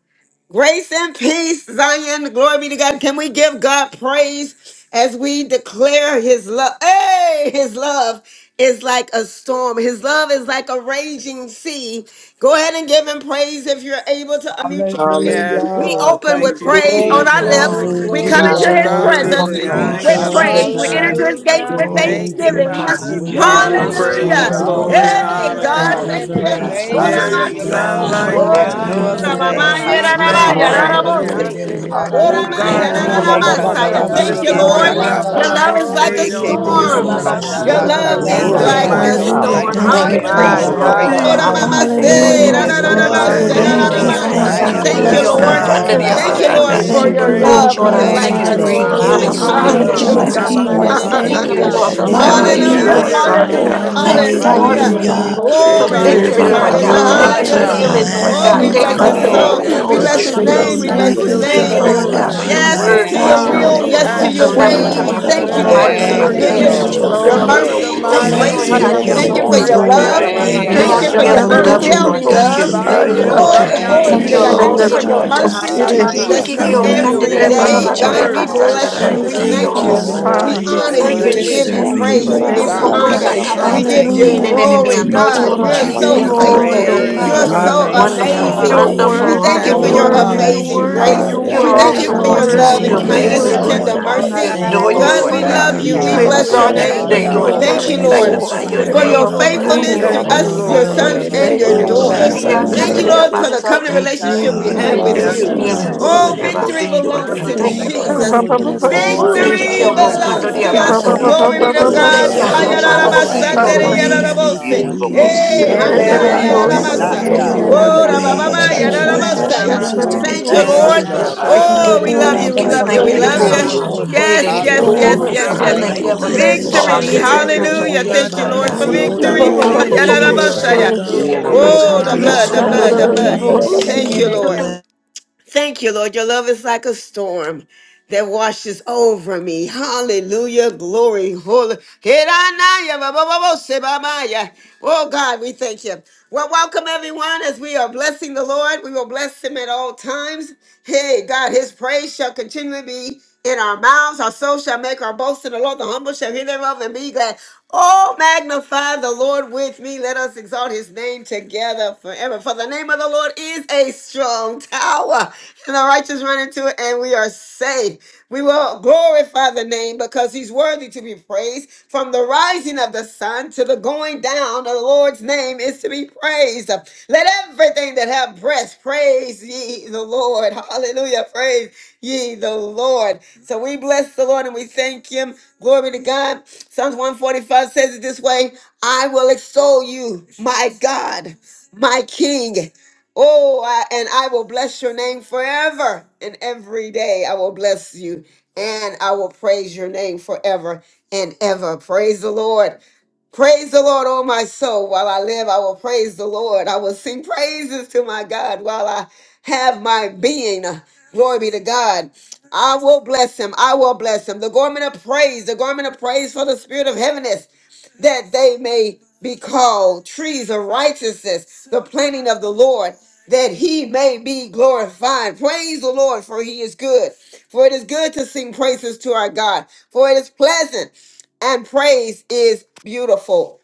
Speaker 1: Grace and peace, Zion. Glory be to God. Can we give God praise as we declare His love? Hey, His love is like a storm. His love is like a raging sea. Go ahead and give Him praise if you're able to unmute your mic.
Speaker 2: Yes,
Speaker 1: We
Speaker 3: Hallelujah.
Speaker 4: Hallelujah.
Speaker 2: Lord.
Speaker 3: Thank
Speaker 1: open
Speaker 4: Thank
Speaker 3: you,
Speaker 2: Thank
Speaker 1: with
Speaker 4: you,
Speaker 2: you,
Speaker 3: Lord
Speaker 1: praise
Speaker 5: Glory,
Speaker 1: on our
Speaker 3: Jesus.
Speaker 6: Glory,
Speaker 4: Jesus.
Speaker 2: Jesus.
Speaker 1: lips.
Speaker 5: glory,
Speaker 1: We
Speaker 6: hallelujah.
Speaker 1: come
Speaker 4: You
Speaker 5: glory.
Speaker 1: into
Speaker 2: Oh,
Speaker 4: are
Speaker 7: Hallelujah.
Speaker 1: His
Speaker 8: Hallelujah.
Speaker 2: God,
Speaker 9: I
Speaker 2: we
Speaker 7: Praise
Speaker 9: got
Speaker 1: presence
Speaker 4: worthy,
Speaker 2: say
Speaker 7: you,
Speaker 8: Thank
Speaker 9: that
Speaker 8: you,
Speaker 4: Lord.
Speaker 6: Praise
Speaker 3: Ramasutoriana
Speaker 2: thank
Speaker 7: Father
Speaker 1: with
Speaker 6: you,
Speaker 4: I
Speaker 2: you.
Speaker 9: shit.
Speaker 8: Father
Speaker 7: God.
Speaker 4: bless
Speaker 1: praise. We
Speaker 6: Jesus.
Speaker 4: your
Speaker 1: enter
Speaker 8: God.
Speaker 1: into
Speaker 4: name
Speaker 3: Ramashande.
Speaker 1: His
Speaker 6: Hallelujah.
Speaker 1: gates
Speaker 7: Praise
Speaker 5: Hallelujah.
Speaker 4: today.
Speaker 1: with
Speaker 10: Hallelujah,
Speaker 7: your
Speaker 10: da,
Speaker 9: Glory
Speaker 10: da, da,
Speaker 3: Thank
Speaker 9: to
Speaker 8: Thank
Speaker 10: da,
Speaker 7: holy
Speaker 3: you,
Speaker 9: your
Speaker 1: thanksgiving.
Speaker 4: I
Speaker 8: you,
Speaker 7: name.
Speaker 9: God.
Speaker 10: Goshiana.
Speaker 4: give
Speaker 3: Father.
Speaker 2: We
Speaker 4: you
Speaker 10: Thank you,
Speaker 2: give
Speaker 4: all
Speaker 2: you
Speaker 4: the
Speaker 8: Jesus,
Speaker 10: Jesus.
Speaker 6: Glory,
Speaker 8: for
Speaker 3: Rabasande
Speaker 2: praise,
Speaker 1: Hallelujah.
Speaker 4: glory,
Speaker 8: your
Speaker 7: Hallelujah.
Speaker 5: Hallelujah.
Speaker 4: all
Speaker 10: Hallelujah.
Speaker 4: the
Speaker 2: glory,
Speaker 9: Hallelujah.
Speaker 8: love,
Speaker 6: glory.
Speaker 2: and
Speaker 10: Thank you,
Speaker 3: Rabosande
Speaker 1: Hey,
Speaker 4: honor,
Speaker 2: honor,
Speaker 4: and
Speaker 10: Lord.
Speaker 8: your
Speaker 1: God,
Speaker 3: Rabash.
Speaker 4: all
Speaker 2: God.
Speaker 4: the
Speaker 7: Glory
Speaker 1: thank
Speaker 7: to
Speaker 10: Yeah,
Speaker 1: you.
Speaker 9: Thank
Speaker 10: na,
Speaker 9: you,
Speaker 7: God.
Speaker 10: na,
Speaker 4: praise.
Speaker 7: I
Speaker 10: na,
Speaker 8: everlasting
Speaker 1: Lord,
Speaker 3: Thank
Speaker 10: na,
Speaker 5: Ekelelelelelelelelaba.
Speaker 3: you
Speaker 10: na,
Speaker 2: There
Speaker 8: love.
Speaker 1: I'm
Speaker 3: for
Speaker 10: na,
Speaker 7: praise
Speaker 2: is
Speaker 10: na,
Speaker 3: your
Speaker 10: da,
Speaker 7: your
Speaker 10: da,
Speaker 4: Hallelujah.
Speaker 1: outside.
Speaker 9: Jesus.
Speaker 2: none
Speaker 3: love,
Speaker 8: Thank
Speaker 7: holy.
Speaker 3: Lord
Speaker 10: Goshiana,
Speaker 2: like
Speaker 8: you,
Speaker 10: da,
Speaker 4: There are
Speaker 10: da,
Speaker 2: you,
Speaker 6: Hallelujah.
Speaker 10: da,
Speaker 3: God.
Speaker 4: no
Speaker 10: da,
Speaker 1: Oh,
Speaker 10: da,
Speaker 9: Thank
Speaker 4: other
Speaker 6: We
Speaker 9: you,
Speaker 10: da,
Speaker 8: Jesus.
Speaker 10: da,
Speaker 4: name
Speaker 2: Jesus.
Speaker 6: praise
Speaker 9: Lord.
Speaker 6: you,
Speaker 10: Goshiana,
Speaker 1: Ramamaya,
Speaker 2: We
Speaker 10: da,
Speaker 4: higher
Speaker 10: da,
Speaker 8: We
Speaker 5: Orarararararararaba.
Speaker 4: than
Speaker 6: Jesus.
Speaker 10: da,
Speaker 2: say
Speaker 4: the
Speaker 3: Ramasianda
Speaker 10: da.
Speaker 1: Ramamaya,
Speaker 4: name
Speaker 2: thank
Speaker 4: of
Speaker 9: Hallelujah.
Speaker 8: glorify
Speaker 2: you.
Speaker 7: Hallelujah.
Speaker 10: Yeah,
Speaker 1: Ramamose.
Speaker 8: your
Speaker 10: na,
Speaker 3: Rabashande.
Speaker 10: da,
Speaker 4: Jesus.
Speaker 10: da,
Speaker 9: Thank
Speaker 10: da,
Speaker 1: Oh,
Speaker 10: da,
Speaker 8: name.
Speaker 10: da,
Speaker 2: Oh,
Speaker 6: We
Speaker 7: Hallelujah.
Speaker 4: Hallelujah.
Speaker 8: We
Speaker 2: God,
Speaker 1: Ramaya,
Speaker 10: Goshiana,
Speaker 3: Yana
Speaker 6: thank
Speaker 10: da,
Speaker 2: that
Speaker 6: you,
Speaker 11: Ora
Speaker 10: da,
Speaker 2: you
Speaker 10: da,
Speaker 9: you,
Speaker 8: honor
Speaker 5: Sherekererekalarararararaba.
Speaker 4: Shishe
Speaker 10: yeah,
Speaker 11: baba
Speaker 8: you,
Speaker 2: woke
Speaker 10: na, na,
Speaker 12: Hallelujah,
Speaker 2: us
Speaker 6: Father.
Speaker 10: na,
Speaker 2: up
Speaker 1: Ramamaya.
Speaker 10: na,
Speaker 3: Ramasoriana
Speaker 9: Jesus.
Speaker 8: Lord. We
Speaker 1: Thank
Speaker 11: bakayo
Speaker 2: this
Speaker 10: na, na,
Speaker 1: you,
Speaker 4: kandalalalia
Speaker 8: bow
Speaker 11: rebe
Speaker 2: morning
Speaker 1: Lord.
Speaker 2: with
Speaker 10: na.
Speaker 3: Rabasete
Speaker 5: Halalaba.
Speaker 2: our
Speaker 8: down
Speaker 11: yanda
Speaker 1: Your
Speaker 5: Say
Speaker 8: at
Speaker 11: la
Speaker 8: your
Speaker 9: Glory,
Speaker 1: love
Speaker 2: minds
Speaker 1: is
Speaker 3: Rabasete.
Speaker 8: feet.
Speaker 1: like
Speaker 11: bayasa.
Speaker 5: glory,
Speaker 1: a
Speaker 2: stayed
Speaker 10: Thank you,
Speaker 2: on
Speaker 8: And
Speaker 2: thee,
Speaker 8: we
Speaker 10: Lord.
Speaker 5: glory.
Speaker 2: oh,
Speaker 10: Da,
Speaker 9: glory,
Speaker 1: storm.
Speaker 10: da,
Speaker 8: said,
Speaker 6: Yes,
Speaker 2: God.
Speaker 12: hallelujah,
Speaker 10: da, da,
Speaker 6: God.
Speaker 9: yes,
Speaker 10: da,
Speaker 8: Have
Speaker 11: She
Speaker 1: Your
Speaker 10: da,
Speaker 3: Rababasande
Speaker 10: da,
Speaker 9: God.
Speaker 10: da,
Speaker 8: your
Speaker 11: rebe
Speaker 1: love
Speaker 10: yeah, da, da,
Speaker 4: Ikebushokanalatakana.
Speaker 8: way,
Speaker 2: In
Speaker 1: is
Speaker 11: yanda
Speaker 10: da,
Speaker 2: the
Speaker 13: Glory,
Speaker 4: I
Speaker 11: la
Speaker 6: It's
Speaker 10: yeah,
Speaker 1: like
Speaker 4: am
Speaker 10: da,
Speaker 6: like
Speaker 9: Yes,
Speaker 10: da,
Speaker 8: Lord.
Speaker 11: la
Speaker 3: Rabosoriana.
Speaker 13: Holy
Speaker 1: a
Speaker 6: a
Speaker 10: da,
Speaker 2: mighty
Speaker 10: da,
Speaker 4: so
Speaker 13: Father.
Speaker 10: yeah,
Speaker 6: star.
Speaker 12: hallelujah.
Speaker 11: bayasi.
Speaker 2: name
Speaker 10: da,
Speaker 1: storm.
Speaker 13: We
Speaker 10: da,
Speaker 4: thankful.
Speaker 10: da,
Speaker 11: Ye
Speaker 12: Thank
Speaker 13: thank
Speaker 10: da,
Speaker 4: I
Speaker 12: you,
Speaker 13: and
Speaker 8: Thank
Speaker 10: da.
Speaker 4: am
Speaker 11: rebe
Speaker 8: you,
Speaker 13: praise
Speaker 3: My
Speaker 4: so
Speaker 13: you,
Speaker 12: Father.
Speaker 1: Hallelujah.
Speaker 11: yanda
Speaker 2: of
Speaker 13: Lord
Speaker 8: Father
Speaker 11: la
Speaker 13: God.
Speaker 3: God,
Speaker 11: la
Speaker 5: Hayababababarararakekererererereraba.
Speaker 1: Oh,
Speaker 4: grateful.
Speaker 13: I
Speaker 8: God.
Speaker 13: honor
Speaker 10: Hallelujah.
Speaker 2: Jesus.
Speaker 13: you
Speaker 10: Da,
Speaker 11: bayanda
Speaker 6: Mm,
Speaker 3: today,
Speaker 10: da, da, da,
Speaker 13: today,
Speaker 11: ya.
Speaker 6: mm,
Speaker 10: yeah,
Speaker 13: Lord
Speaker 4: Oh,
Speaker 10: da,
Speaker 8: Thank
Speaker 10: da,
Speaker 1: Ramamase,
Speaker 8: you,
Speaker 12: Hallelujah.
Speaker 10: da,
Speaker 13: God.
Speaker 3: thank
Speaker 10: da,
Speaker 4: yes,
Speaker 10: da,
Speaker 3: you,
Speaker 14: Thank
Speaker 9: and
Speaker 10: yeah,
Speaker 8: Lord,
Speaker 9: the
Speaker 11: She
Speaker 10: na,
Speaker 8: for
Speaker 4: Lord.
Speaker 10: na,
Speaker 5: Glory,
Speaker 9: other
Speaker 3: Father.
Speaker 9: day,
Speaker 10: da,
Speaker 1: Ramamase,
Speaker 13: I
Speaker 10: da,
Speaker 3: Your
Speaker 4: Yes,
Speaker 10: da,
Speaker 13: look
Speaker 11: rebe
Speaker 9: on
Speaker 12: Thank
Speaker 8: loving
Speaker 13: to
Speaker 12: you,
Speaker 3: love
Speaker 4: Lord.
Speaker 8: us.
Speaker 13: you,
Speaker 5: glory.
Speaker 10: Goshiana,
Speaker 3: is
Speaker 4: And
Speaker 11: yanda
Speaker 10: da, da,
Speaker 1: Ramamase.
Speaker 13: Lord
Speaker 3: like
Speaker 4: I
Speaker 9: Sunday,
Speaker 11: la
Speaker 8: Thank
Speaker 10: da, da,
Speaker 3: a
Speaker 13: God.
Speaker 11: la
Speaker 8: you,
Speaker 12: Jesus.
Speaker 4: am
Speaker 13: diddy
Speaker 10: yeah, da,
Speaker 1: Thank
Speaker 10: da, da,
Speaker 1: you,
Speaker 8: Lord,
Speaker 13: dee
Speaker 6: mm.
Speaker 2: Yes,
Speaker 12: Bless
Speaker 4: blessed.
Speaker 12: your
Speaker 11: bayanda
Speaker 8: for
Speaker 3: storm.
Speaker 10: da,
Speaker 11: la
Speaker 13: oh
Speaker 12: name.
Speaker 1: Lord.
Speaker 11: la
Speaker 6: Thank
Speaker 10: yeah, da, da,
Speaker 2: God.
Speaker 13: kunda
Speaker 4: Lord,
Speaker 9: the
Speaker 8: having
Speaker 13: dee
Speaker 10: da,
Speaker 13: ah
Speaker 4: I
Speaker 10: da,
Speaker 8: us.
Speaker 9: Lord
Speaker 11: bayaso
Speaker 1: Thank you,
Speaker 10: yeah,
Speaker 2: We
Speaker 4: thank
Speaker 10: da,
Speaker 14: your
Speaker 9: was
Speaker 4: you,
Speaker 1: Lord,
Speaker 11: koyo
Speaker 13: ba
Speaker 2: give you
Speaker 8: Thank
Speaker 1: for
Speaker 8: you,
Speaker 4: Lord.
Speaker 3: Hallelujah.
Speaker 12: Thank
Speaker 9: sick.
Speaker 1: your
Speaker 12: you,
Speaker 11: rebe ya.
Speaker 8: Lord,
Speaker 13: Oh,
Speaker 10: da.
Speaker 12: Lord
Speaker 2: praise,
Speaker 8: that
Speaker 1: love
Speaker 8: you
Speaker 13: Lord,
Speaker 12: God
Speaker 13: I
Speaker 1: being
Speaker 2: Lord.
Speaker 5: Hayababababararararararararararaba.
Speaker 2: We
Speaker 4: Thank
Speaker 1: like
Speaker 13: thank
Speaker 8: listen
Speaker 3: Thank
Speaker 2: give
Speaker 4: you,
Speaker 13: and
Speaker 2: you
Speaker 8: to
Speaker 1: a
Speaker 3: you,
Speaker 8: us.
Speaker 9: Yes,
Speaker 12: Almighty.
Speaker 8: You
Speaker 13: praise
Speaker 9: and
Speaker 4: Lord.
Speaker 13: and
Speaker 3: Father,
Speaker 4: You
Speaker 8: gave
Speaker 13: honor
Speaker 9: the
Speaker 2: glory.
Speaker 4: are
Speaker 11: She
Speaker 8: us
Speaker 3: for
Speaker 13: you
Speaker 9: other
Speaker 1: storm.
Speaker 8: so
Speaker 3: your
Speaker 14: kindness,
Speaker 9: day,
Speaker 13: today,
Speaker 2: Honor
Speaker 8: many
Speaker 11: rebe
Speaker 4: worthy
Speaker 12: Thank you,
Speaker 14: Lord.
Speaker 13: Lord
Speaker 3: love.
Speaker 4: to
Speaker 12: my
Speaker 13: God.
Speaker 4: be
Speaker 2: belongs
Speaker 11: yasi
Speaker 1: Hallelujah.
Speaker 8: chances
Speaker 2: to
Speaker 3: Rabba
Speaker 11: ki
Speaker 9: on
Speaker 12: King,
Speaker 2: you,
Speaker 12: my
Speaker 11: la
Speaker 4: praised.
Speaker 8: over
Speaker 11: la
Speaker 8: and
Speaker 13: Thank
Speaker 3: Sikando
Speaker 2: Father.
Speaker 12: Savior,
Speaker 13: you,
Speaker 11: bayanda
Speaker 3: Bosha.
Speaker 11: la la
Speaker 13: Lord,
Speaker 8: over
Speaker 14: Thank
Speaker 4: You
Speaker 13: for
Speaker 14: you
Speaker 4: are
Speaker 2: Oh
Speaker 12: my
Speaker 14: for
Speaker 8: and
Speaker 2: God,
Speaker 11: bayando.
Speaker 14: waking
Speaker 8: over.
Speaker 2: tear
Speaker 13: salvation,
Speaker 14: us
Speaker 2: down
Speaker 1: Hallelujah,
Speaker 14: up
Speaker 13: Lord
Speaker 12: Redeemer,
Speaker 4: worthy
Speaker 3: Yandana
Speaker 14: this
Speaker 13: God.
Speaker 4: to be
Speaker 9: Sunday,
Speaker 2: everything
Speaker 1: hallelujah,
Speaker 14: morning.
Speaker 11: Ora
Speaker 6: you.
Speaker 7: Yellow,
Speaker 2: that's
Speaker 4: praised.
Speaker 14: We
Speaker 12: my
Speaker 13: Thank
Speaker 3: Mosanda
Speaker 11: baba
Speaker 2: not
Speaker 13: you,
Speaker 4: You
Speaker 14: Thank
Speaker 4: are
Speaker 2: like
Speaker 14: you,
Speaker 11: kayo
Speaker 6: Mm.
Speaker 13: Lord,
Speaker 2: you,
Speaker 12: Sovereign
Speaker 3: Rabasi.
Speaker 1: hallelujah.
Speaker 14: Lord.
Speaker 13: for,
Speaker 2: Lord.
Speaker 11: rebe
Speaker 4: worthy
Speaker 8: Hallelujah.
Speaker 12: God,
Speaker 4: to
Speaker 11: yasi
Speaker 4: be
Speaker 2: That
Speaker 13: for
Speaker 11: ki
Speaker 1: Glory
Speaker 3: Thank
Speaker 5: Holy,
Speaker 2: tried
Speaker 4: praised.
Speaker 1: be
Speaker 3: you,
Speaker 9: the
Speaker 14: We
Speaker 2: to
Speaker 11: rebe
Speaker 1: to
Speaker 13: victory,
Speaker 8: Glory,
Speaker 2: enter
Speaker 14: bless
Speaker 1: God
Speaker 12: my
Speaker 13: Lord
Speaker 11: yanda
Speaker 9: Lord
Speaker 1: in
Speaker 11: la
Speaker 5: holy,
Speaker 14: your
Speaker 2: into
Speaker 4: Glory,
Speaker 1: the
Speaker 13: God.
Speaker 11: la
Speaker 3: Father.
Speaker 2: our
Speaker 14: holy
Speaker 7: Chapter
Speaker 8: glory
Speaker 13: Thank
Speaker 9: was
Speaker 13: you
Speaker 2: life,
Speaker 13: for
Speaker 8: to
Speaker 5: holy.
Speaker 3: Mm.
Speaker 11: bayanda.
Speaker 14: name.
Speaker 12: Protector,
Speaker 8: the
Speaker 9: sick.
Speaker 1: highest.
Speaker 2: God.
Speaker 4: hallelujah,
Speaker 13: healing,
Speaker 12: my
Speaker 4: God.
Speaker 13: Lord
Speaker 1: Oh,
Speaker 6: Hallelujah.
Speaker 8: Lamb
Speaker 13: God.
Speaker 2: Cover
Speaker 1: we
Speaker 9: We
Speaker 12: Shield,
Speaker 8: of
Speaker 12: my
Speaker 2: my
Speaker 13: diddy
Speaker 1: bless
Speaker 9: can
Speaker 1: his
Speaker 11: Haya
Speaker 13: diddy
Speaker 9: do
Speaker 2: home,
Speaker 11: la
Speaker 13: oh
Speaker 11: la
Speaker 8: God,
Speaker 12: Buckler.
Speaker 2: my
Speaker 9: the
Speaker 4: Thank
Speaker 1: soul.
Speaker 4: you,
Speaker 5: Aya
Speaker 14: Hallelujah.
Speaker 1: We
Speaker 5: ba
Speaker 9: evil
Speaker 3: Orianda
Speaker 11: bayanda
Speaker 13: kunda
Speaker 2: husband,
Speaker 8: the
Speaker 13: dee
Speaker 5: ba
Speaker 4: Jesus.
Speaker 1: bless
Speaker 2: my
Speaker 13: ah
Speaker 1: his
Speaker 5: ba
Speaker 14: We
Speaker 13: ba
Speaker 11: rebe
Speaker 5: ba ba
Speaker 3: Rabase.
Speaker 9: sin.
Speaker 14: honor
Speaker 1: name.
Speaker 8: true
Speaker 1: We
Speaker 11: yasi
Speaker 2: children,
Speaker 5: ra
Speaker 14: you,
Speaker 2: my
Speaker 5: ra
Speaker 14: O
Speaker 1: bless
Speaker 11: ki
Speaker 12: Thank
Speaker 1: his
Speaker 12: you,
Speaker 8: living
Speaker 14: God.
Speaker 11: rebe
Speaker 13: thank
Speaker 2: children's
Speaker 5: re re
Speaker 13: you,
Speaker 1: name.
Speaker 5: re re
Speaker 9: Thank
Speaker 8: God
Speaker 13: Lord
Speaker 9: you,
Speaker 8: of
Speaker 13: God,
Speaker 11: yaso.
Speaker 5: ra
Speaker 2: children.
Speaker 12: Jehovah,
Speaker 13: for
Speaker 8: my
Speaker 13: your
Speaker 5: ra ba.
Speaker 1: Yes
Speaker 8: life.
Speaker 13: word,
Speaker 2: Oh
Speaker 9: Jesus.
Speaker 1: to
Speaker 4: Thank
Speaker 1: your
Speaker 13: Lord
Speaker 9: Thank you,
Speaker 4: you,
Speaker 11: Shira
Speaker 2: God,
Speaker 12: Yahweh,
Speaker 8: I
Speaker 1: will.
Speaker 13: God.
Speaker 9: Baba
Speaker 11: la
Speaker 2: we
Speaker 4: Jesus.
Speaker 1: Yes to
Speaker 9: Baba.
Speaker 2: ask
Speaker 13: The
Speaker 1: your
Speaker 11: bayanda
Speaker 2: in
Speaker 8: honor
Speaker 2: the
Speaker 11: la
Speaker 2: name
Speaker 13: leopard
Speaker 2: of
Speaker 13: to
Speaker 12: Yeshua.
Speaker 3: Rabba
Speaker 8: you.
Speaker 2: Jesus,
Speaker 1: way.
Speaker 13: my
Speaker 2: you
Speaker 11: bayanda la
Speaker 1: Thank
Speaker 13: feet,
Speaker 1: you,
Speaker 3: Sanda
Speaker 13: and
Speaker 2: bless
Speaker 8: I
Speaker 5: Oh,
Speaker 1: Lord,
Speaker 13: light
Speaker 2: greater
Speaker 5: ra
Speaker 1: for
Speaker 13: to
Speaker 5: re
Speaker 8: bow
Speaker 13: my
Speaker 1: your
Speaker 4: Thank
Speaker 11: bayanda
Speaker 3: Ramasori
Speaker 5: re
Speaker 2: works
Speaker 4: you,
Speaker 12: Thank you,
Speaker 14: Hallelujah.
Speaker 9: You
Speaker 8: down
Speaker 5: re re.
Speaker 3: Andana
Speaker 13: pathway,
Speaker 4: Lord,
Speaker 8: at
Speaker 2: family.
Speaker 1: goodness,
Speaker 4: for
Speaker 8: your
Speaker 9: should
Speaker 13: Lord
Speaker 12: Lord.
Speaker 4: your
Speaker 1: your
Speaker 9: never
Speaker 13: God.
Speaker 8: feet
Speaker 5: Glory,
Speaker 9: let
Speaker 2: In
Speaker 3: Ramaseke
Speaker 2: the
Speaker 4: love,
Speaker 14: I
Speaker 1: mercy,
Speaker 9: your
Speaker 4: your
Speaker 1: your
Speaker 14: pray
Speaker 13: Thank
Speaker 8: and
Speaker 5: glory.
Speaker 2: mighty
Speaker 13: you,
Speaker 3: Robosha.
Speaker 8: I
Speaker 12: Bless
Speaker 14: more
Speaker 4: kindness.
Speaker 13: Lord
Speaker 1: grace.
Speaker 12: your
Speaker 9: sin.
Speaker 8: say,
Speaker 14: for
Speaker 2: name
Speaker 5: Aya
Speaker 2: of
Speaker 13: God.
Speaker 2: Jesus,
Speaker 5: ba
Speaker 14: you.
Speaker 13: You're
Speaker 2: we
Speaker 1: Thank
Speaker 5: ba
Speaker 12: name.
Speaker 8: Thank
Speaker 1: you for
Speaker 5: ba
Speaker 8: you,
Speaker 13: holy,
Speaker 1: your
Speaker 5: ba
Speaker 2: break
Speaker 13: Lord
Speaker 5: re
Speaker 3: Yandana
Speaker 5: re
Speaker 13: God.
Speaker 8: Lord.
Speaker 5: re
Speaker 1: love.
Speaker 11: la
Speaker 5: ra
Speaker 12: We
Speaker 5: ba.
Speaker 2: everything
Speaker 8: Thank
Speaker 4: Thank
Speaker 8: you
Speaker 13: You're
Speaker 2: that's
Speaker 11: bayanda
Speaker 5: Ida
Speaker 1: Thank
Speaker 4: you,
Speaker 3: Ramasanda
Speaker 5: re
Speaker 9: Yes,
Speaker 12: bless
Speaker 8: for
Speaker 1: you
Speaker 12: you
Speaker 2: not
Speaker 1: for
Speaker 9: and
Speaker 4: Lord,
Speaker 5: re
Speaker 14: Yes.
Speaker 1: your
Speaker 3: Ramas.
Speaker 13: altogether
Speaker 9: that
Speaker 2: like
Speaker 12: this
Speaker 4: for
Speaker 5: re
Speaker 8: all
Speaker 9: I
Speaker 5: re re
Speaker 8: that
Speaker 2: Jesus.
Speaker 4: your
Speaker 9: don't
Speaker 13: lovely,
Speaker 5: re
Speaker 8: you
Speaker 12: morning.
Speaker 5: re
Speaker 9: know
Speaker 13: Lord
Speaker 8: have
Speaker 4: mercy.
Speaker 1: unfailing
Speaker 14: More
Speaker 9: your
Speaker 14: for
Speaker 5: ra
Speaker 13: God.
Speaker 8: done
Speaker 2: We
Speaker 13: You're
Speaker 1: love.
Speaker 8: for
Speaker 14: you
Speaker 5: ba.
Speaker 8: me,
Speaker 14: this
Speaker 3: Thank
Speaker 2: bind it
Speaker 8: all
Speaker 13: beautiful,
Speaker 3: you,
Speaker 9: sire.
Speaker 2: up
Speaker 8: that
Speaker 14: morning.
Speaker 13: Lord
Speaker 8: you're
Speaker 3: thank
Speaker 2: right
Speaker 1: Oh,
Speaker 13: God.
Speaker 3: you,
Speaker 2: now
Speaker 8: doing
Speaker 2: in the
Speaker 8: for
Speaker 1: glory
Speaker 4: Thank
Speaker 9: You
Speaker 3: thank
Speaker 1: be
Speaker 8: me,
Speaker 1: to
Speaker 13: You're
Speaker 4: you,
Speaker 2: name
Speaker 12: Thank
Speaker 3: you.
Speaker 12: you,
Speaker 1: God.
Speaker 2: of
Speaker 9: should
Speaker 8: all
Speaker 1: Thank you
Speaker 4: Lord.
Speaker 12: Lord
Speaker 1: for
Speaker 9: never
Speaker 8: that
Speaker 13: awesome,
Speaker 8: you
Speaker 1: your
Speaker 9: let
Speaker 2: Jesus.
Speaker 13: Lord
Speaker 9: your
Speaker 12: God.
Speaker 8: continue
Speaker 13: God.
Speaker 8: to
Speaker 1: mercy
Speaker 14: Yes.
Speaker 4: I'm
Speaker 5: Aya
Speaker 2: Thy
Speaker 3: Thank
Speaker 8: do
Speaker 5: ba,
Speaker 9: sin.
Speaker 3: you.
Speaker 4: thankful,
Speaker 2: kingdom
Speaker 1: that's
Speaker 5: aya
Speaker 2: come,
Speaker 1: new
Speaker 13: Ujidio
Speaker 4: grateful,
Speaker 2: your
Speaker 8: in
Speaker 5: bo,
Speaker 8: the
Speaker 4: and
Speaker 2: will
Speaker 5: ye
Speaker 1: every
Speaker 12: Thank
Speaker 2: be
Speaker 9: Eh,
Speaker 13: kandidia
Speaker 5: ke
Speaker 4: blessed,
Speaker 9: Baba
Speaker 5: re
Speaker 2: done
Speaker 12: you.
Speaker 1: day.
Speaker 4: Lord.
Speaker 5: re
Speaker 2: on
Speaker 9: Baba
Speaker 8: future.
Speaker 5: ke
Speaker 1: God,
Speaker 13: basandadia
Speaker 3: Thank
Speaker 4: Thank
Speaker 9: Baba.
Speaker 2: earth
Speaker 1: we
Speaker 4: you
Speaker 5: re
Speaker 3: you,
Speaker 5: ra
Speaker 9: You
Speaker 4: for
Speaker 5: ra
Speaker 3: Lord
Speaker 4: your
Speaker 13: basandada
Speaker 5: ra
Speaker 1: bless
Speaker 9: should
Speaker 5: ra
Speaker 1: you.
Speaker 5: ra
Speaker 2: as
Speaker 8: I
Speaker 4: love.
Speaker 2: it
Speaker 1: We
Speaker 12: Thank
Speaker 9: never
Speaker 5: ra
Speaker 3: Jesus.
Speaker 12: you,
Speaker 2: is
Speaker 5: ra
Speaker 13: basikio
Speaker 9: let
Speaker 2: in
Speaker 5: bo.
Speaker 8: thank
Speaker 1: thank
Speaker 9: your
Speaker 8: you,
Speaker 1: you.
Speaker 5: Si
Speaker 2: heaven.
Speaker 12: Father.
Speaker 5: ke
Speaker 8: Lord.
Speaker 13: lobosata.
Speaker 4: Oh,
Speaker 2: God,
Speaker 8: I
Speaker 1: We
Speaker 5: ke
Speaker 9: sire.
Speaker 2: we
Speaker 4: you
Speaker 8: look
Speaker 5: ra
Speaker 4: are
Speaker 1: honor
Speaker 5: ra
Speaker 2: say
Speaker 13: Thank
Speaker 1: you.
Speaker 8: forward
Speaker 5: ra
Speaker 13: you,
Speaker 5: re
Speaker 8: to
Speaker 1: We
Speaker 2: thank
Speaker 4: worthy
Speaker 5: ke
Speaker 1: give
Speaker 2: you.
Speaker 5: re
Speaker 13: Jesus.
Speaker 1: you
Speaker 5: re
Speaker 4: to
Speaker 5: re
Speaker 4: be
Speaker 12: Thank
Speaker 8: serving
Speaker 9: Glory to
Speaker 5: re
Speaker 12: you,
Speaker 8: you
Speaker 9: your
Speaker 1: praise.
Speaker 5: ra
Speaker 1: We
Speaker 2: Oh
Speaker 4: praised.
Speaker 8: more
Speaker 5: ra
Speaker 1: give
Speaker 9: name,
Speaker 5: ba.
Speaker 1: you
Speaker 12: Father.
Speaker 9: O
Speaker 2: God, we
Speaker 8: fully
Speaker 9: God.
Speaker 1: honor.
Speaker 2: say
Speaker 9: We
Speaker 4: Hallelujah.
Speaker 13: Orokosataba.
Speaker 1: We
Speaker 8: and
Speaker 9: honor
Speaker 2: thank
Speaker 8: to
Speaker 2: you
Speaker 1: give
Speaker 4: Thank
Speaker 8: be
Speaker 9: you,
Speaker 2: for
Speaker 1: you
Speaker 4: you,
Speaker 8: more
Speaker 12: Hallelujah.
Speaker 2: Sister
Speaker 9: Lord.
Speaker 4: Jesus.
Speaker 13: Henenenenia
Speaker 1: glory,
Speaker 2: Temperance,
Speaker 8: intimate
Speaker 1: God.
Speaker 2: Lord
Speaker 13: notolobo
Speaker 8: with
Speaker 4: I
Speaker 1: You're
Speaker 9: Give
Speaker 8: you,
Speaker 2: God.
Speaker 9: you
Speaker 4: give
Speaker 1: so
Speaker 13: sikia
Speaker 8: Father
Speaker 4: you
Speaker 12: Thank you,
Speaker 8: God.
Speaker 14: Thank
Speaker 12: Lord
Speaker 14: you
Speaker 9: glory,
Speaker 1: faithful.
Speaker 9: O
Speaker 2: Tiara
Speaker 13: labasata.
Speaker 2: and
Speaker 8: We
Speaker 1: You're
Speaker 4: praise.
Speaker 9: God.
Speaker 12: Jesus.
Speaker 1: so
Speaker 2: Tanisha,
Speaker 4: Thank
Speaker 3: Aramas.
Speaker 2: Lord
Speaker 4: you,
Speaker 5: Aya
Speaker 8: glorify
Speaker 13: Wonderful,
Speaker 5: ba,
Speaker 8: your
Speaker 2: God.
Speaker 4: Lord.
Speaker 1: amazing.
Speaker 9: You're
Speaker 5: ha
Speaker 8: name.
Speaker 14: for
Speaker 5: si
Speaker 1: We
Speaker 13: wonderful,
Speaker 14: your
Speaker 9: worthy,
Speaker 1: thank
Speaker 5: ke
Speaker 9: you're
Speaker 1: you
Speaker 14: life.
Speaker 5: re
Speaker 1: for
Speaker 8: We
Speaker 2: Samuel
Speaker 1: your
Speaker 5: re re
Speaker 13: hallelujah.
Speaker 4: Oh,
Speaker 9: worthy,
Speaker 5: re
Speaker 12: Hallelujah.
Speaker 8: honor
Speaker 9: you're
Speaker 2: Wallace,
Speaker 4: thank
Speaker 5: re
Speaker 1: amazing
Speaker 4: you,
Speaker 8: you,
Speaker 2: Lord
Speaker 5: ra
Speaker 9: worthy,
Speaker 5: ra
Speaker 2: God,
Speaker 4: God.
Speaker 9: you're
Speaker 1: grace.
Speaker 8: Lord.
Speaker 2: and his
Speaker 13: You're
Speaker 5: ra
Speaker 1: We
Speaker 4: Thank
Speaker 5: ra
Speaker 4: you,
Speaker 1: thank
Speaker 9: worthy,
Speaker 5: ra
Speaker 1: you
Speaker 7: Hallelujah.
Speaker 13: awesome,
Speaker 5: ra
Speaker 9: you're
Speaker 2: family.
Speaker 1: for
Speaker 5: ba.
Speaker 4: God.
Speaker 1: your
Speaker 13: Lord
Speaker 8: We
Speaker 12: Wonderful
Speaker 1: love
Speaker 13: God.
Speaker 4: Thank
Speaker 9: worthy,
Speaker 1: and
Speaker 13: You're
Speaker 8: said,
Speaker 4: you,
Speaker 9: you're
Speaker 12: counselor,
Speaker 1: kindness,
Speaker 4: God.
Speaker 8: Yes,
Speaker 1: your
Speaker 13: amazing,
Speaker 7: Shakarabasaka,
Speaker 9: worthy.
Speaker 13: Lord
Speaker 12: Prince
Speaker 8: Lord.
Speaker 1: tender
Speaker 12: of
Speaker 5: Oh,
Speaker 13: God. We
Speaker 1: mercy.
Speaker 12: Peace,
Speaker 13: adore
Speaker 8: Thank
Speaker 7: Yorobosike.
Speaker 8: you
Speaker 13: you,
Speaker 9: You're
Speaker 4: Oh,
Speaker 1: God,
Speaker 2: Oh
Speaker 13: Lord
Speaker 1: we
Speaker 8: for
Speaker 4: thank
Speaker 9: worthy,
Speaker 13: God.
Speaker 2: God,
Speaker 1: love
Speaker 4: you,
Speaker 8: your
Speaker 1: you.
Speaker 9: oh
Speaker 14: Yes.
Speaker 1: We
Speaker 13: We
Speaker 4: God.
Speaker 9: God.
Speaker 8: love.
Speaker 1: bless
Speaker 2: we
Speaker 1: your
Speaker 13: exalt you
Speaker 7: Yerobosike,
Speaker 1: name.
Speaker 2: thank
Speaker 4: Hashakanda.
Speaker 13: today,
Speaker 2: you,
Speaker 9: You're
Speaker 8: Thank
Speaker 13: Lord
Speaker 4: I
Speaker 8: you,
Speaker 2: Lord.
Speaker 13: God.
Speaker 1: Thank
Speaker 13: We
Speaker 1: you,
Speaker 4: bless
Speaker 9: worthy,
Speaker 7: Yorobosaka,
Speaker 4: your
Speaker 1: Lord,
Speaker 8: Jesus,
Speaker 7: Yorobosaka,
Speaker 4: name.
Speaker 13: magnify
Speaker 9: Lord.
Speaker 11: so
Speaker 4: I
Speaker 8: for
Speaker 13: your
Speaker 9: Eh,
Speaker 11: cold.
Speaker 1: for
Speaker 4: bless
Speaker 7: Yorobosaka,
Speaker 8: your
Speaker 9: ba,
Speaker 4: your
Speaker 1: your
Speaker 13: name,
Speaker 9: ba, ba,
Speaker 4: name.
Speaker 13: Lord
Speaker 7: Yorobosaka,
Speaker 8: love.
Speaker 9: ba,
Speaker 13: God.
Speaker 2: We
Speaker 12: Lord of
Speaker 1: faithfulness
Speaker 13: You're
Speaker 7: Yorobosike,
Speaker 1: to
Speaker 9: say.
Speaker 11: Kuraba
Speaker 2: thank
Speaker 13: going
Speaker 4: Thank you
Speaker 2: you,
Speaker 8: Your
Speaker 13: to
Speaker 1: us,
Speaker 12: Lord
Speaker 4: for
Speaker 12: of
Speaker 1: your
Speaker 13: get
Speaker 11: bakanda
Speaker 4: this
Speaker 3: Anda
Speaker 13: there.
Speaker 2: Lord.
Speaker 8: love,
Speaker 9: We
Speaker 1: sons
Speaker 4: day.
Speaker 11: yerere
Speaker 8: your
Speaker 1: and
Speaker 4: Thank
Speaker 9: thank
Speaker 4: you
Speaker 1: your
Speaker 4: for
Speaker 9: you,
Speaker 3: Rabasori
Speaker 2: Oh,
Speaker 4: your
Speaker 13: Ooh,
Speaker 11: beyandara
Speaker 3: Anda
Speaker 11: da
Speaker 2: have
Speaker 1: daughters.
Speaker 4: spirit
Speaker 12: heaven
Speaker 2: your
Speaker 4: of
Speaker 13: shidiya
Speaker 12: and
Speaker 8: everlasting
Speaker 7: Yorobosaka,
Speaker 2: way,
Speaker 9: Jesus.
Speaker 1: Thank
Speaker 11: bayandara
Speaker 12: earth.
Speaker 1: you,
Speaker 8: love.
Speaker 11: da
Speaker 2: Lord.
Speaker 13: kandariya
Speaker 9: Thank
Speaker 3: Rabashefe.
Speaker 4: deliverance,
Speaker 1: Lord,
Speaker 9: you,
Speaker 1: for
Speaker 4: Lord.
Speaker 1: the
Speaker 11: bayando.
Speaker 1: covenant
Speaker 9: Lord.
Speaker 13: basata.
Speaker 8: We,
Speaker 4: Thank
Speaker 1: relationship
Speaker 3: Ikando
Speaker 12: Glory,
Speaker 4: you
Speaker 1: we
Speaker 2: Oh,
Speaker 13: It
Speaker 4: for
Speaker 8: God,
Speaker 13: is
Speaker 12: glory,
Speaker 1: have
Speaker 9: Thank
Speaker 13: in
Speaker 2: Rabba
Speaker 3: Bosori
Speaker 9: you,
Speaker 1: with
Speaker 13: you
Speaker 11: Yerere
Speaker 12: glory,
Speaker 4: delivering
Speaker 13: we
Speaker 8: bless
Speaker 3: Anda
Speaker 1: you.
Speaker 4: me,
Speaker 11: beyaz,
Speaker 12: glory,
Speaker 13: live
Speaker 8: you,
Speaker 13: and
Speaker 7: Yorobosaka,
Speaker 4: God,
Speaker 3: Rabase.
Speaker 12: glory.
Speaker 8: you,
Speaker 13: move
Speaker 11: çirere
Speaker 4: from
Speaker 1: All
Speaker 13: and
Speaker 2: Shataya.
Speaker 13: have
Speaker 9: Jesus.
Speaker 8: Father
Speaker 4: hurt,
Speaker 13: our
Speaker 11: beyaz,
Speaker 8: God.
Speaker 1: victory
Speaker 7: Yorobosaka, Yorobosaka,
Speaker 4: harm,
Speaker 13: being,
Speaker 7: Yorobosike. Yerobosike, Yorobosaka,
Speaker 4: and
Speaker 13: Lord
Speaker 11: çirere
Speaker 1: belongs
Speaker 8: We
Speaker 13: God.
Speaker 1: to
Speaker 4: danger.
Speaker 13: Thank you,
Speaker 4: Thank
Speaker 11: beyandara
Speaker 12: Thank you
Speaker 4: you
Speaker 8: thank
Speaker 11: da
Speaker 3: Ramasanda
Speaker 13: Lord
Speaker 8: you
Speaker 9: Ah,
Speaker 4: for
Speaker 12: for
Speaker 1: Jesus.
Speaker 13: God.
Speaker 9: ba,
Speaker 11: bayando.
Speaker 8: for
Speaker 9: ba,
Speaker 4: em-
Speaker 12: waking
Speaker 8: the
Speaker 9: ba,
Speaker 12: us.
Speaker 9: ba,
Speaker 7: Yorobosaka,
Speaker 12: Thank
Speaker 3: Ramaseke
Speaker 12: you
Speaker 4: delivering
Speaker 13: Ooh,
Speaker 8: release
Speaker 12: for
Speaker 2: Oh
Speaker 4: me
Speaker 9: say.
Speaker 8: of
Speaker 4: from
Speaker 8: the
Speaker 2: God,
Speaker 1: Victory
Speaker 4: the
Speaker 13: digidiya
Speaker 2: we
Speaker 11: Çirere
Speaker 13: bo
Speaker 12: protecting
Speaker 4: trap
Speaker 11: de
Speaker 12: us.
Speaker 8: hostage.
Speaker 4: that
Speaker 2: say
Speaker 1: belongs to
Speaker 13: kandariya
Speaker 4: the
Speaker 9: Eh,
Speaker 11: beyandara
Speaker 9: ba,
Speaker 2: thank
Speaker 3: Yanda
Speaker 11: da
Speaker 4: enemy
Speaker 9: ba,
Speaker 1: us.
Speaker 12: Thank
Speaker 9: ba,
Speaker 12: you
Speaker 2: you.
Speaker 4: had
Speaker 13: basata.
Speaker 9: ba,
Speaker 12: for
Speaker 8: Thank
Speaker 1: Glory
Speaker 4: for
Speaker 11: bayando.
Speaker 9: ba,
Speaker 8: you,
Speaker 1: be
Speaker 4: me
Speaker 9: ba,
Speaker 1: to
Speaker 4: to
Speaker 12: watching
Speaker 9: ba,
Speaker 3: Ramasanda
Speaker 11: Yerere
Speaker 8: God,
Speaker 4: take
Speaker 1: God.
Speaker 12: over
Speaker 7: Yorobosaka,
Speaker 13: Thank you,
Speaker 11: de
Speaker 9: say.
Speaker 4: me
Speaker 12: us
Speaker 4: out.
Speaker 3: Ramaseke
Speaker 8: that
Speaker 11: beyandara
Speaker 8: you
Speaker 13: halaba
Speaker 11: da
Speaker 9: Oh,
Speaker 8: are
Speaker 12: as we
Speaker 4: Thank you
Speaker 11: bayando.
Speaker 8: the
Speaker 9: say.
Speaker 1: Ayarabasandere
Speaker 4: for
Speaker 13: sikiyo
Speaker 4: you
Speaker 12: slumber and
Speaker 4: said
Speaker 2: Itatabo-sata.
Speaker 13: Sunday.
Speaker 4: in
Speaker 12: sleep.
Speaker 8: rainmaker.
Speaker 4: Psalm
Speaker 1: yararabose.
Speaker 4: one
Speaker 12: Thank
Speaker 8: You
Speaker 9: Eh,
Speaker 12: you
Speaker 4: eighteen
Speaker 8: are
Speaker 1: Eh,
Speaker 8: the
Speaker 9: shen,
Speaker 11: Yerere
Speaker 9: de,
Speaker 11: de
Speaker 9: de,
Speaker 4: seventeen.
Speaker 8: way.
Speaker 9: de,
Speaker 12: for
Speaker 1: hanara
Speaker 9: de,
Speaker 4: I
Speaker 12: the
Speaker 9: oh,
Speaker 11: beyandara da
Speaker 4: shall
Speaker 3: Ramasanda
Speaker 8: You
Speaker 12: breath
Speaker 9: say.
Speaker 2: Glory-ba-ba-ye.
Speaker 11: bayando.
Speaker 12: in
Speaker 8: are
Speaker 1: yararamasa.
Speaker 4: not
Speaker 12: our
Speaker 8: the
Speaker 4: die but
Speaker 9: Eh,
Speaker 11: Yerere
Speaker 12: lungs.
Speaker 8: only
Speaker 1: Oh,
Speaker 3: Ramosurianda
Speaker 4: live
Speaker 11: de
Speaker 7: Yorobosaka,
Speaker 8: way.
Speaker 4: and
Speaker 8: It's
Speaker 11: beyandara
Speaker 1: rabababa
Speaker 13: Thank you,
Speaker 4: declare
Speaker 11: da
Speaker 8: true,
Speaker 4: the
Speaker 11: bayando.
Speaker 12: It's
Speaker 2: Sekete-tete-ba-ba.
Speaker 12: your
Speaker 4: works
Speaker 8: you,
Speaker 13: Jesus.
Speaker 4: of the
Speaker 9: shen,
Speaker 12: breath
Speaker 9: de,
Speaker 12: in
Speaker 1: yararabasaya.
Speaker 9: de,
Speaker 4: Lord.
Speaker 12: my
Speaker 9: de,
Speaker 8: Jesus, to
Speaker 9: de,
Speaker 8: get
Speaker 1: Thank
Speaker 8: to
Speaker 9: oh,
Speaker 1: you,
Speaker 8: the
Speaker 3: Ramasekendo
Speaker 12: lungs.
Speaker 13: Thank you,
Speaker 4: Thank
Speaker 9: say.
Speaker 1: Lord.
Speaker 4: you,
Speaker 8: Father.
Speaker 4: Lord.
Speaker 14: Hallelujah.
Speaker 13: Jesus.
Speaker 4: I
Speaker 12: And
Speaker 3: Ramosurianda
Speaker 12: I
Speaker 1: Oh,
Speaker 8: And
Speaker 4: declare
Speaker 8: we
Speaker 4: and
Speaker 1: we
Speaker 11: Yerere
Speaker 3: Ramas
Speaker 4: I
Speaker 12: pour
Speaker 1: love
Speaker 2: Glory-ba-sata-ba-ba-ba-ye.
Speaker 14: For
Speaker 12: out
Speaker 1: you.
Speaker 8: thank
Speaker 1: We
Speaker 8: you
Speaker 9: We
Speaker 11: beyandara
Speaker 12: my
Speaker 4: decree
Speaker 14: what
Speaker 11: da
Speaker 4: it
Speaker 1: love
Speaker 8: for
Speaker 14: you
Speaker 1: you.
Speaker 8: the
Speaker 13: Thank
Speaker 4: in
Speaker 9: love
Speaker 13: you,
Speaker 1: We
Speaker 9: you,
Speaker 14: done.
Speaker 1: love
Speaker 2: Sekete.
Speaker 11: bayandara
Speaker 13: eternal
Speaker 11: da
Speaker 12: praise,
Speaker 4: Jesus'
Speaker 1: you.
Speaker 9: Lord.
Speaker 8: passage,
Speaker 4: name.
Speaker 13: Father.
Speaker 8: Lord.
Speaker 11: bayando.
Speaker 3: Ramasikando
Speaker 1: Yes,
Speaker 9: We
Speaker 7: Yorobosike.
Speaker 8: We
Speaker 7: Yerobosike,
Speaker 1: yes,
Speaker 11: Yerere
Speaker 12: pour
Speaker 13: Hey,
Speaker 12: out
Speaker 1: yes,
Speaker 8: thank
Speaker 12: my
Speaker 8: you for
Speaker 4: Hallelujah.
Speaker 1: yes,
Speaker 8: the
Speaker 11: beyandara.
Speaker 9: glorify
Speaker 3: Ramosurianda
Speaker 1: yes.
Speaker 4: Thank
Speaker 7: Yorobosaka,
Speaker 12: praise
Speaker 13: Thank
Speaker 9: you.
Speaker 3: Ramas
Speaker 13: you,
Speaker 8: bright
Speaker 4: you,
Speaker 12: unto
Speaker 9: We
Speaker 8: light
Speaker 7: Yorobosaka.
Speaker 8: that
Speaker 13: everlasting
Speaker 12: you,
Speaker 4: Jesus.
Speaker 9: exalt
Speaker 4: I
Speaker 11: Oh,
Speaker 13: Father,
Speaker 12: Lord.
Speaker 1: Victory.
Speaker 9: your
Speaker 3: Mende
Speaker 13: and
Speaker 8: shines
Speaker 4: bless
Speaker 11: yerere
Speaker 4: your
Speaker 9: name.
Speaker 13: Prince of
Speaker 4: name.
Speaker 1: Hallelujah.
Speaker 8: close
Speaker 11: beyandara
Speaker 13: Peace,
Speaker 1: Thank
Speaker 11: da
Speaker 1: you,
Speaker 3: Ramosianda
Speaker 13: Lord
Speaker 8: by
Speaker 1: Lord,
Speaker 8: us,
Speaker 1: for
Speaker 13: God.
Speaker 11: bayando.
Speaker 4: You
Speaker 3: Ramas
Speaker 4: are
Speaker 8: Father
Speaker 12: Thank
Speaker 9: We-
Speaker 12: you,
Speaker 8: God.
Speaker 11: Yerere
Speaker 9: ba,
Speaker 1: victory.
Speaker 9: ba,
Speaker 13: Thank
Speaker 9: ba,
Speaker 4: worthy
Speaker 12: Lord
Speaker 13: you,
Speaker 9: ba,
Speaker 7: Hallelujah.
Speaker 2: Glory-ba-ye.
Speaker 9: ba,
Speaker 4: to
Speaker 8: We
Speaker 3: Thank
Speaker 11: beyandara.
Speaker 9: ba,
Speaker 4: be
Speaker 3: you,
Speaker 8: love
Speaker 13: Jesus.
Speaker 8: you,
Speaker 12: Jesus.
Speaker 4: praised.
Speaker 1: Ayararabasaya.
Speaker 2: Seke.
Speaker 9: say.
Speaker 4: You are
Speaker 8: God.
Speaker 13: Hallelujah.
Speaker 3: Ramasende
Speaker 7: All of us
Speaker 2: Yes,
Speaker 7: who
Speaker 13: Rabasa,
Speaker 11: Yerere
Speaker 1: Oh,
Speaker 8: We
Speaker 4: worthy
Speaker 13: da,
Speaker 1: the
Speaker 7: tell
Speaker 3: Ramose.
Speaker 4: to
Speaker 7: you,
Speaker 13: da,
Speaker 2: God.
Speaker 11: beyaz,
Speaker 9: Blessings
Speaker 8: love
Speaker 7: All
Speaker 1: blood,
Speaker 13: da,
Speaker 4: be
Speaker 1: the
Speaker 8: your
Speaker 13: da.
Speaker 7: of
Speaker 1: blood,
Speaker 12: Bless
Speaker 7: us,
Speaker 12: your
Speaker 1: the
Speaker 4: praised.
Speaker 11: çirere
Speaker 8: holy
Speaker 7: All
Speaker 12: name,
Speaker 1: blood.
Speaker 8: name.
Speaker 7: of
Speaker 3: Thank
Speaker 11: beyandara
Speaker 12: bless
Speaker 11: da
Speaker 12: your
Speaker 3: you,
Speaker 7: us.
Speaker 1: Thank
Speaker 13: Ooh,
Speaker 3: thank
Speaker 12: name.
Speaker 1: you,
Speaker 8: We
Speaker 3: you,
Speaker 11: bayando.
Speaker 13: do,
Speaker 3: thank
Speaker 1: Lord.
Speaker 3: you.
Speaker 8: bless.
Speaker 13: do.
Speaker 1: Thank you, Lord. Your love is like a storm that washes over me. Hallelujah. Glory. Holy. Kiranaya bababo sebamaya. Oh, God, we thank you. Well, welcome everyone as we are blessing the Lord. We will bless him at all times. Hey, God, his praise shall continually be in our mouths. Our soul shall make our boast in the Lord. The humble shall hear thereof and be glad. Oh, magnify the Lord with me. Let us exalt his name together forever. For the name of the Lord is a strong tower, and the righteous is running to it and we are saved. We will glorify the name because he's worthy to be praised. From the rising of the sun to the going down of the Lord's name is to be praised. Let everything that have breath praise ye the Lord. Hallelujah. Praise ye the Lord. So we bless the Lord and we thank him. Glory to God. Psalms 145 says it this way I will extol you, my God, my King. Oh, I, and I will bless your name forever. And every day I will bless you. And I will praise your name forever and ever. Praise the Lord. Praise the Lord, oh my soul. While I live, I will praise the Lord. I will sing praises to my God while I have my being. Glory be to God. I will bless him. I will bless him. The garment of praise, the garment of praise for the spirit of heaviness, that they may be called trees of righteousness, the planting of the Lord, that he may be glorified. Praise the Lord, for he is good. For it is good to sing praises to our God, for it is pleasant and praise is beautiful.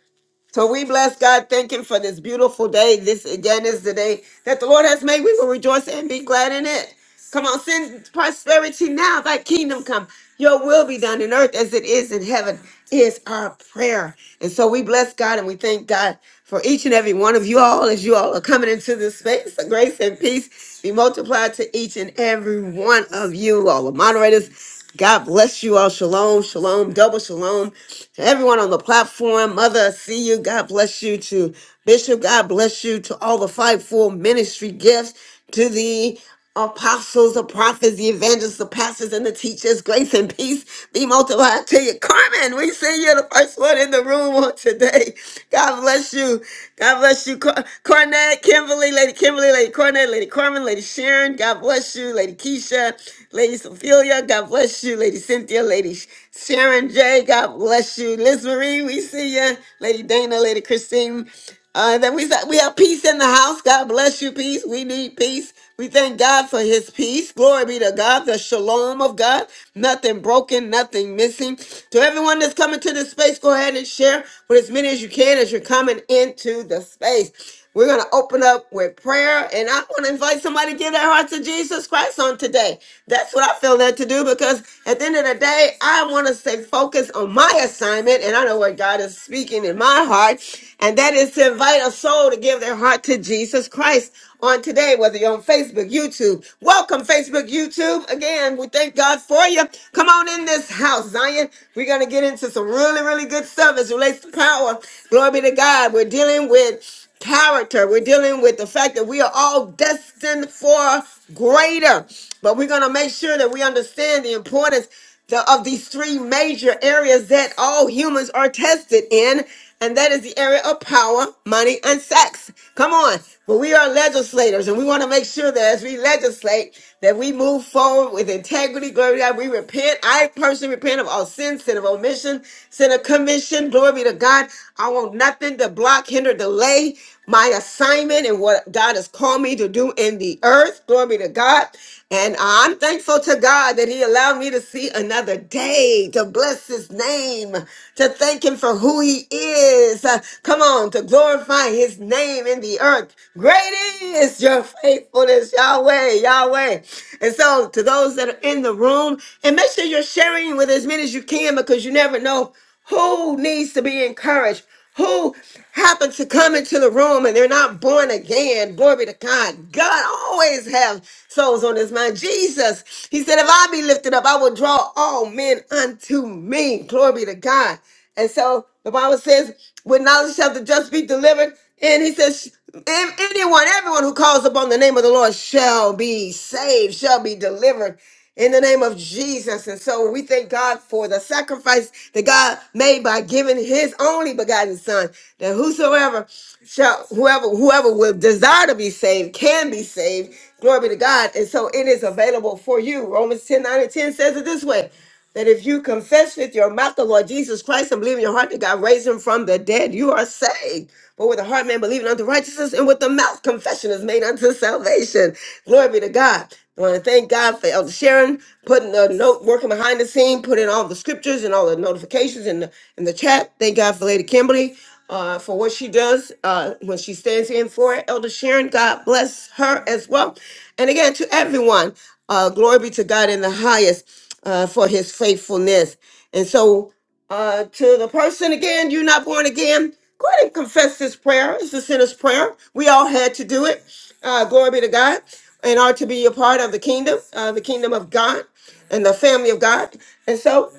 Speaker 1: So we bless God, thanking for this beautiful day. This again is the day that the Lord has made. We will rejoice and be glad in it. Come on, send prosperity now. Thy kingdom come. Your will be done in earth as it is in heaven is our prayer. And so we bless God and we thank God for each and every one of you all as you all are coming into this space. The grace and peace be multiplied to each and every one of you, all the moderators God bless you all. Shalom, shalom, double shalom to everyone on the platform. Mother, I see you. God bless you to Bishop. God bless you to all the fivefold ministry gifts to the apostles, the prophets, the evangelists, the pastors, and the teachers. Grace and peace be multiplied to you. Carmen, we see you the first one in the room on today. God bless you. God bless you. Cor- Cornette, Kimberly, Lady Kimberly, Lady Cornette, Lady Carmen, Lady Sharon. God bless you. Lady Keisha, Lady Sophia. God bless you. Lady Cynthia, Lady Sharon J. God bless you. Liz Marie, we see ya. Lady Dana, Lady Christine. Uh, that we we have peace in the house. God bless you. Peace. We need peace. We thank God for His peace. Glory be to God. The shalom of God. Nothing broken. Nothing missing. To everyone that's coming to this space, go ahead and share with as many as you can as you're coming into the space. We're going to open up with prayer, and I want to invite somebody to give their heart to Jesus Christ on today. That's what I feel led to do because at the end of the day, I want to stay focused on my assignment, and I know what God is speaking in my heart, and that is to invite a soul to give their heart to Jesus Christ on today, whether you're on Facebook, YouTube. Welcome, Facebook, YouTube. Again, we thank God for you. Come on in this house, Zion. We're going to get into some really, really good stuff as it relates to power. Glory be to God. We're dealing with character. We're dealing with the fact that we are all destined for greater. But we're going to make sure that we understand the importance to- of these three major areas that all humans are tested in. And that is the area of power, money, and sex. Come on. But we are legislators, and we want to make sure that as we legislate, that we move forward with integrity. Glory to God. We repent. I personally repent of all sin, sin of omission, sin of commission. Glory be to God. I want nothing to block, hinder, delay my assignment and what God has called me to do in the earth. Glory be to God. And I'm thankful to God that He allowed me to see another day, to bless His name, to thank Him for who He is. Uh, Come on. Come on, to glorify his name in the earth. Great is your faithfulness, Yahweh, Yahweh. And so, to those that are in the room, and make sure you're sharing with as many as you can because you never know who needs to be encouraged, who happened to come into the room and they're not born again. Glory to God. God always have souls on his mind. Jesus, he said, if I be lifted up, I will draw all men unto me. Glory to God. And so the Bible says, with knowledge shall the just be delivered. And he says, "An- anyone, everyone who calls upon the name of the Lord shall be saved, shall be delivered in the name of Jesus. And so we thank God for the sacrifice that God made by giving his only begotten son, that whosoever shall, whoever, whoever will desire to be saved can be saved. Glory be to God. And so it is available for you. Romans 10 9 and 10 says it this way that if you confess with your mouth the Lord Jesus Christ and believe in your heart that God raised him from the dead, you are saved. But with the heart man believing unto righteousness, and with the mouth confession is made unto salvation. Glory be to God. I want to thank God for Elder Sharon putting the note, working behind the scene, putting all the scriptures and all the notifications in the in the chat. Thank God for Lady Kimberly uh, for what she does uh, when she stands in for it. Elder Sharon, God bless her as well. And again, to everyone, uh, glory be to God in the highest uh, for his faithfulness. And so, uh, to the person again, you're not born again, go ahead and confess this prayer. It's a sinner's prayer. We all had to do it. Uh, glory be to God. And are to be a part of the kingdom, uh, the kingdom of God and the family of God. And so,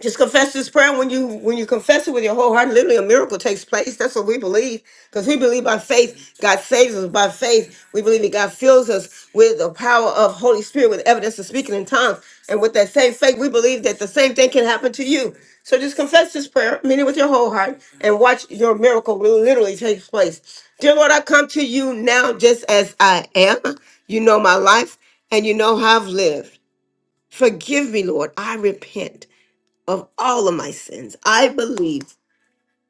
Speaker 1: just confess this prayer when you when you confess it with your whole heart literally a miracle takes place that's what we believe because we believe by faith god saves us by faith we believe that god fills us with the power of holy spirit with evidence of speaking in tongues and with that same faith we believe that the same thing can happen to you so just confess this prayer mean it with your whole heart and watch your miracle will literally take place dear lord i come to you now just as i am you know my life and you know how i've lived forgive me lord i repent of all of my sins. I believe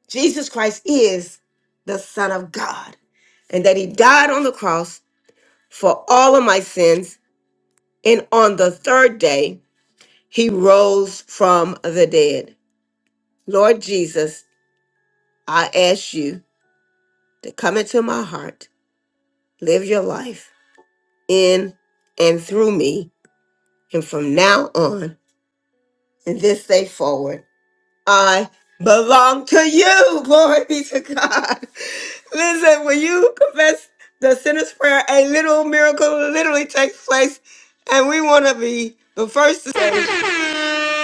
Speaker 1: Jesus Christ is the Son of God and that He died on the cross for all of my sins. And on the third day, He rose from the dead. Lord Jesus, I ask you to come into my heart, live your life in and through me. And from now on, and this day forward, I belong to you. Glory be to God. Listen, when you confess the sinner's prayer, a little miracle literally takes place, and we want to be the first to say.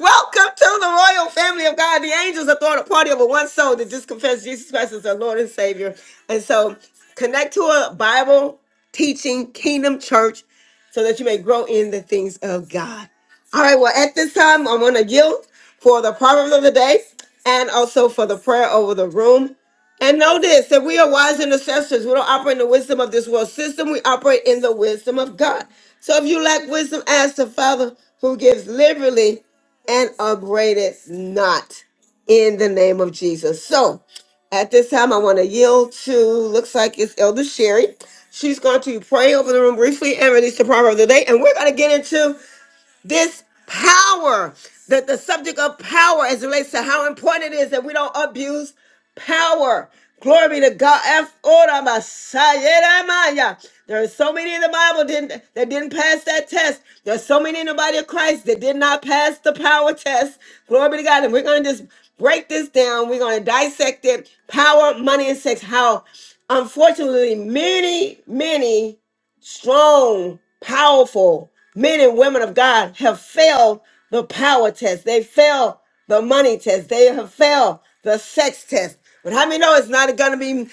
Speaker 1: Welcome to the royal family of God. The angels are throwing a party over one soul that just confessed Jesus Christ as their Lord and Savior. And so connect to a Bible teaching kingdom church so that you may grow in the things of God. All right, well, at this time, I'm going to yield for the proverb of the day and also for the prayer over the room. And know this that we are wise intercessors. We don't operate in the wisdom of this world system, we operate in the wisdom of God. So if you lack wisdom, ask the Father who gives liberally and upbraided not in the name of Jesus. So at this time, I want to yield to, looks like it's Elder Sherry. She's going to pray over the room briefly and release the proverb of the day. And we're going to get into this power, the, the subject of power as it relates to how important it is that we don't abuse power. Glory be to God. F- Ora Masaya Maya. There are so many in the Bible didn't, that didn't pass that test. There are so many in the body of Christ that did not pass the power test. Glory be to God. And we're going to just break this down. We're going to dissect it. Power, money, and sex. How, unfortunately, many, many strong, powerful men and women of God have failed the power test. They failed the money test. They have failed the sex test. But how many know it's not going to be?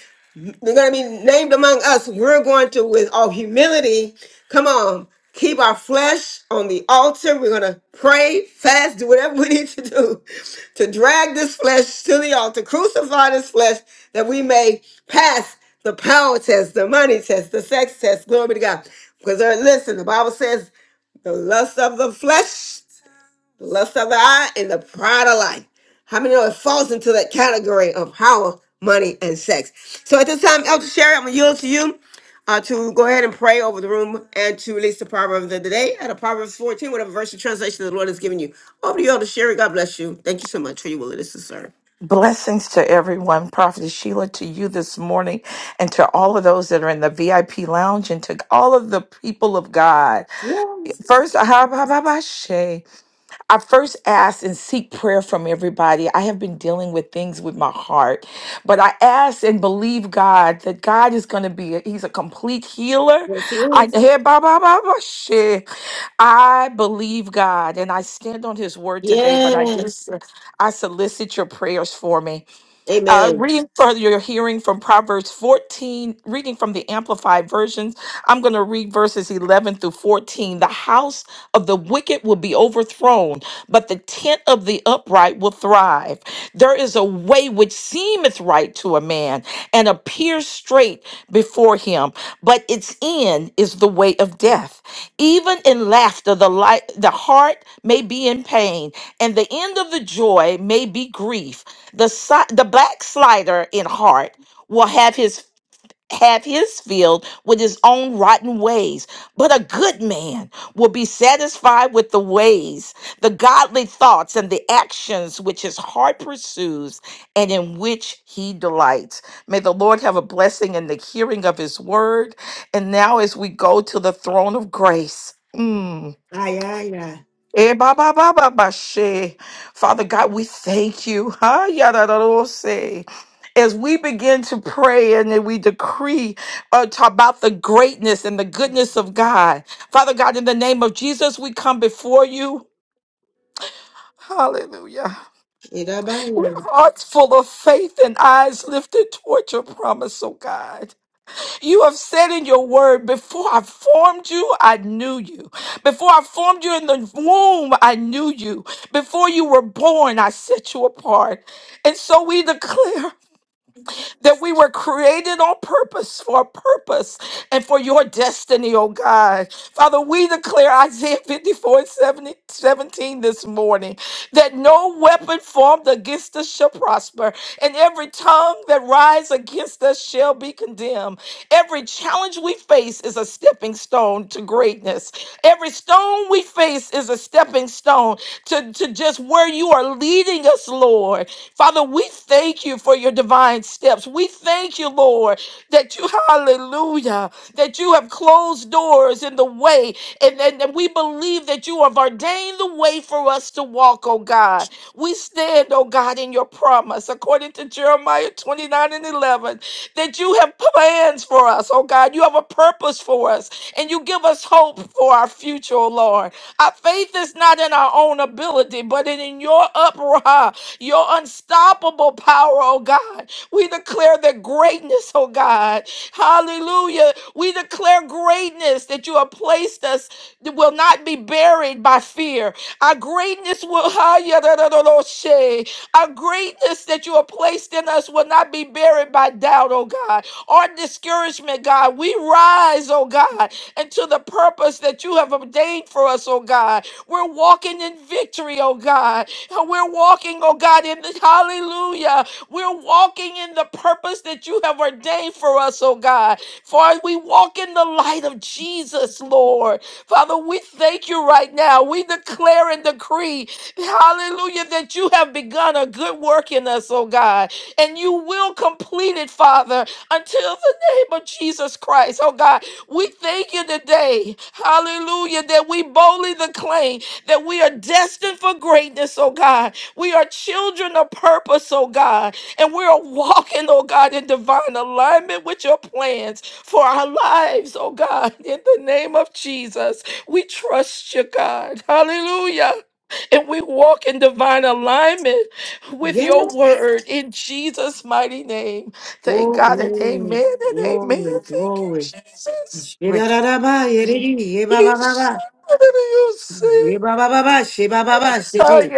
Speaker 1: we are going to be named among us. We're going to, with all humility, come on, keep our flesh on the altar. We're going to pray, fast, do whatever we need to do to drag this flesh to the altar, crucify this flesh that we may pass the power test, the money test, the sex test. Glory be to God. Because uh, listen, the Bible says the lust of the flesh lust of the eye, and the pride of life. How many know it falls into that category of power, money, and sex? So at this time, Elder Sherry, I'm going to yield to you uh, to go ahead and pray over the room and to release the proverb of the day at a Proverbs 14, whatever verse of translation the Lord has given you. Over to you, Elder Sherry. God bless you. Thank you so much for your willingness to serve.
Speaker 9: to everyone, Prophet Sheila, to you this morning, and to all of those that are in the VIP lounge, and to all of the people of God. First, I first ask and seek prayer from everybody. I have been dealing with things with my heart, but I ask and believe God that God is going to be, a, He's a complete healer.
Speaker 1: Yes, he
Speaker 9: I,
Speaker 1: is.
Speaker 9: hey, ba, ba, ba, ba, shit. I believe God and I stand on His word
Speaker 1: Yes.
Speaker 9: today, but I do, s- I solicit your prayers for me. Uh, reading for your hearing from Proverbs 14, reading from the Amplified versions, I'm going to read verses 11 through 14. The house of the wicked will be overthrown, but the tent of the upright will thrive. There is a way which seemeth right to a man and appears straight before him, but its end is the way of death. Even in laughter, the light, the heart may be in pain, and the end of the joy may be grief the si- the backslider in heart will have his have his field with his own rotten ways but a good man will be satisfied with the ways the godly thoughts and the actions which his heart pursues and in which he delights may the lord have a blessing in the hearing of his word and now as we go to the throne of grace mm,
Speaker 1: Ay, ay, ay.
Speaker 9: Eh, ba, ba, ba, ba, ba, she. Father God, we thank you. Huh? Yada, da, da, say. As we begin to pray and then we decree uh, to- about the greatness and the goodness of God. Father God, in the name of Jesus, we come before you. Hallelujah. With
Speaker 1: Idabaye.
Speaker 9: hearts full of faith and eyes lifted toward your promise, oh God. You have said in your word, Before I formed you, I knew you. Before I formed you in the womb, I knew you. Before you were born, I set you apart. And so we declare that we were created on purpose for a purpose and for your destiny, oh God. Father, we declare Isaiah 54 and 70, seventeen this morning that no weapon formed against us shall prosper, and every tongue that rise against us shall be condemned. Every challenge we face is a stepping stone to greatness. Every stone we face is a stepping stone to, to just where you are leading us, Lord. Father, we thank you for your divine steps. We thank you, Lord, that you, hallelujah, that you have closed doors in the way. And, and, and we believe that you have ordained the way for us to walk, oh God. We stand, oh God, in your promise, according to Jeremiah 29 and 11, that you have plans for us, oh God. You have a purpose for us, and you give us hope for our future, oh Lord. Our faith is not in our own ability, but in in your upright your unstoppable power, oh God. We declare that greatness, oh God. Hallelujah. We declare greatness that you have placed us that will not be buried by fear. Our greatness will our greatness that you have placed in us will not be buried by doubt, oh God, or discouragement, God. We rise, oh God, into the purpose that you have ordained for us, oh God. We're walking in victory, oh God. We're walking, oh God, in the hallelujah. We're walking in the purpose that you have ordained for us, oh God. For we walk in the light of Jesus, Lord. Father, we thank you right now. We declare and decree, hallelujah, that you have begun a good work in us, oh God. And you will complete it, Father, until the name of Jesus Christ, oh God. We thank you today, hallelujah, that we boldly declare that we are destined for greatness, oh God. We are children of purpose, oh God. And we are walking, oh God, in divine alignment with your plans for our lives, oh God. In the name of Jesus, we trust you, God. Hallelujah. And we walk in divine alignment with
Speaker 1: Yes.
Speaker 9: your word in Jesus' mighty name. Thank God and
Speaker 1: Glory,
Speaker 9: amen and amen.
Speaker 1: glory,
Speaker 9: Thank you,
Speaker 1: glory.
Speaker 9: Jesus.
Speaker 1: Idadadabaye, didi, yebababa.
Speaker 9: Yes.
Speaker 1: Yibababa, shibababa,
Speaker 9: Shalom,
Speaker 1: shiti.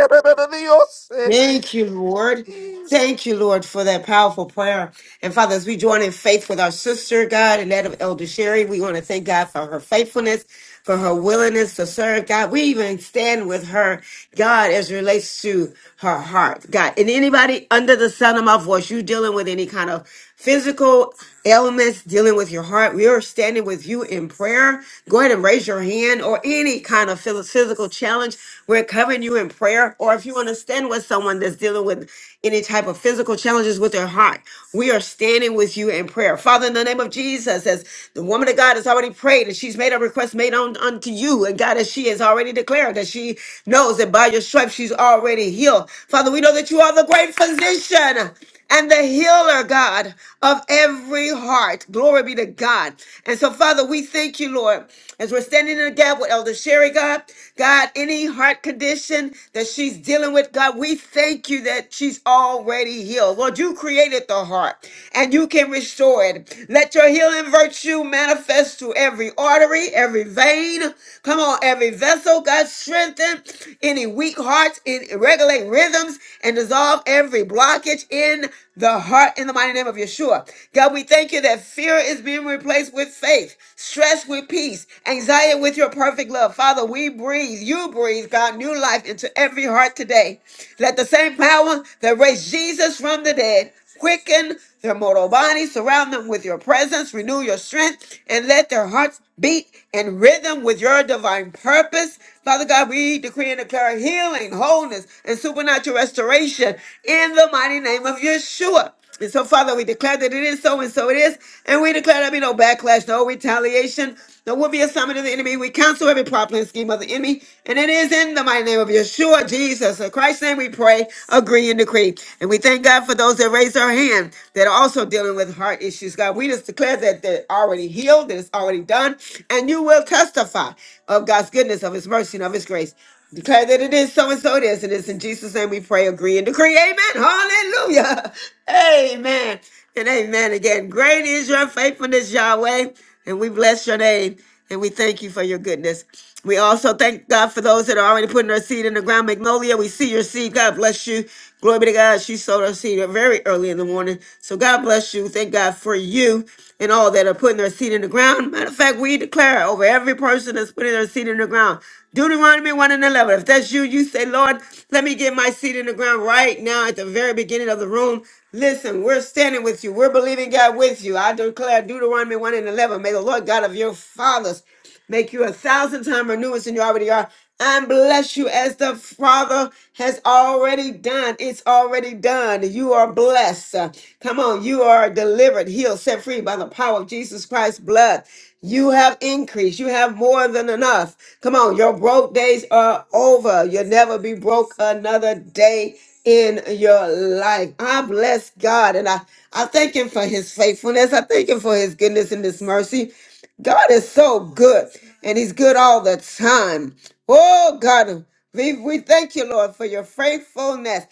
Speaker 1: Thank you, Lord. Thank you, Lord, for that powerful prayer. And Father, as we join in faith with our sister, God, and that of Elder Sherry, we want to thank God for her faithfulness, for her willingness to serve God. We even stand with her, God, as it relates to her heart, God. And anybody under the sound of my voice, you dealing with any kind of physical elements dealing with your heart, we are standing with you in prayer. Go ahead and raise your hand or any kind of phys- physical challenge. We're covering you in prayer. Or if you want to stand with someone that's dealing with any type of physical challenges with their heart, we are standing with you in prayer. Father, in the name of Jesus, as the woman of God has already prayed and she's made a request made on, unto you, and God, as she has already declared that she knows that by your stripes she's already healed. Father, we know that you are the great physician and the healer, God, of every heart. Glory be to God. And so, Father, we thank you, Lord, as we're standing in the gap with Elder Sherry, God. God, any heart condition that she's dealing with, God, we thank you that she's already healed. Lord, you created the heart and you can restore it. Let your healing virtue manifest to every artery, every vein. Come on, every vessel, God, strengthen any weak hearts, in regulate rhythms and desires resolve every blockage in the heart in the mighty name of Yeshua. God, we thank you that fear is being replaced with faith, stress with peace, anxiety with your perfect love. Father, we breathe, you breathe, God, new life into every heart today. Let the same power that raised Jesus from the dead Quicken their mortal bodies, surround them with your presence, renew your strength, and let their hearts beat in rhythm with your divine purpose. Father God, we decree and declare healing, wholeness, and supernatural restoration in the mighty name of Yeshua. And so, Father, we declare that it is so and so it is. And we declare there be no backlash, no retaliation, no will be a summit of the enemy. We cancel every plot, plan, scheme of the enemy. And it is in the mighty name of Yeshua, Jesus, in Christ's name we pray, agree, and decree. And we thank God for those that raise their hand that are also dealing with heart issues. God, we just declare that they're already healed, that it's already done. And you will testify of God's goodness, of his mercy, and of his grace. Declare that it is so and so it is. It is in Jesus' name we pray, agree, and decree. Amen. Hallelujah. Amen. And amen again. Great is your faithfulness, Yahweh. And we bless your name. And we thank you for your goodness. We also thank God for those that are already putting their seed in the ground. Magnolia, we see your seed. God bless you. Glory be to God. She sowed her seed very early in the morning. So God bless you. Thank God for you and all that are putting their seed in the ground. Matter of fact, we declare over every person that's putting their seed in the ground. Deuteronomy 1 and 11. If that's you, you say, Lord, let me get my seat in the ground right now at the very beginning of the room. Listen, we're standing with you. We're believing God with you. I declare Deuteronomy 1 and 11. May the Lord God of your fathers make you a thousand times renewed than you already are and bless you as the Father has already done. It's already done. You are blessed. Uh, Come on, you are delivered, healed, set free by the power of Jesus Christ's blood. You have increased. You have more than enough. Come on, your broke days are over. You'll never be broke another day in your life. I bless God and I, I thank Him for His faithfulness. I thank Him for His goodness and His mercy. God is so good and He's good all the time. Oh, God, we, we thank you, Lord, for your faithfulness.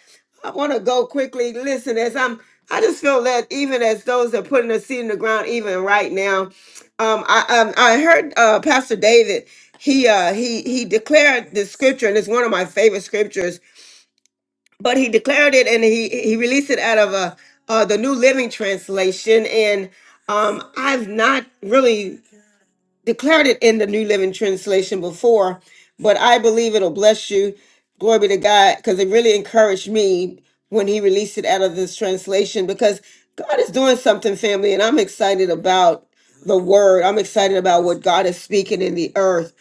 Speaker 1: I want to go quickly. Listen, as I'm, I just feel that even as those that are putting a seed in the ground, even right now, um, I um, I heard uh, Pastor David. He uh, he he declared the scripture, and it's one of my favorite scriptures. But he declared it, and he he released it out of uh, uh, the New Living Translation, and um, I've not really declared it in the New Living Translation before, but I believe it'll bless you. Glory be to God, because it really encouraged me when he released it out of this translation because God is doing something, family, and I'm excited about the word. I'm excited about what God is speaking in the earth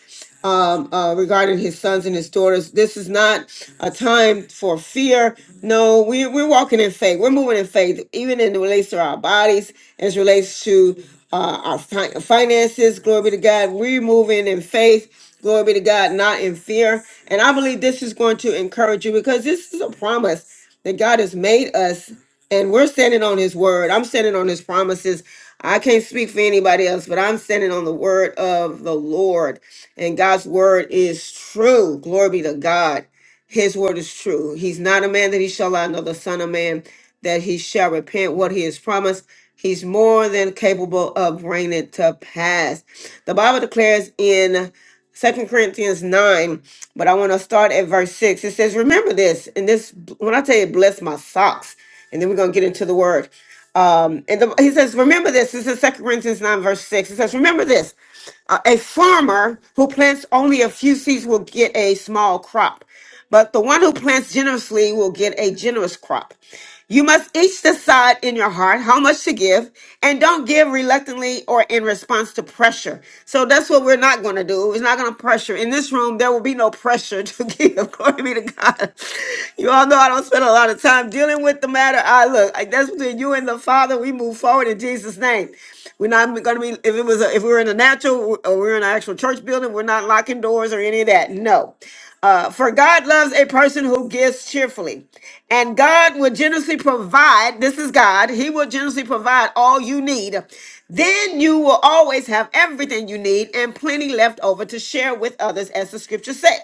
Speaker 1: um, uh, regarding his sons and his daughters. This is not a time for fear. No, we, we're walking in faith. We're moving in faith, even in relates to our bodies, as relates to uh, our fi- finances. Glory be to God. We're moving in faith. Glory be to God, not in fear. And I believe this is going to encourage you because this is a promise that God has made us, and we're standing on His word. I'm standing on His promises. I can't speak for anybody else, but I'm standing on the word of the Lord and God's word is true. Glory be to God. His word is true. He's not a man that he shall lie, nor the son of man that he shall repent what he has promised. He's more than capable of bringing it to pass. The Bible declares in Second Corinthians 9, but I want to start at verse 6. It says, Remember this, and this, when I tell you, bless my socks, and then we're going to get into the word. Um, and the, he says, Remember this. This is Second Corinthians 9, verse 6. It says, Remember this. Uh, a farmer who plants only a few seeds will get a small crop, but the one who plants generously will get a generous crop. You must each decide in your heart how much to give and don't give reluctantly or in response to pressure. So that's what we're not going to do. We're not going to pressure. In this room, there will be no pressure to give. Glory be to God. You all know I don't spend a lot of time dealing with the matter. I look, I- that's between you and the Father. We move forward in Jesus' name. We're not going to be, if it was, a, if we were in a natural or we we're in an actual church building, we're not locking doors or any of that. No. Uh, for God loves a person who gives cheerfully, and God will generously provide. This is God. He will generously provide all you need. Then you will always have everything you need and plenty left over to share with others, as the scripture said.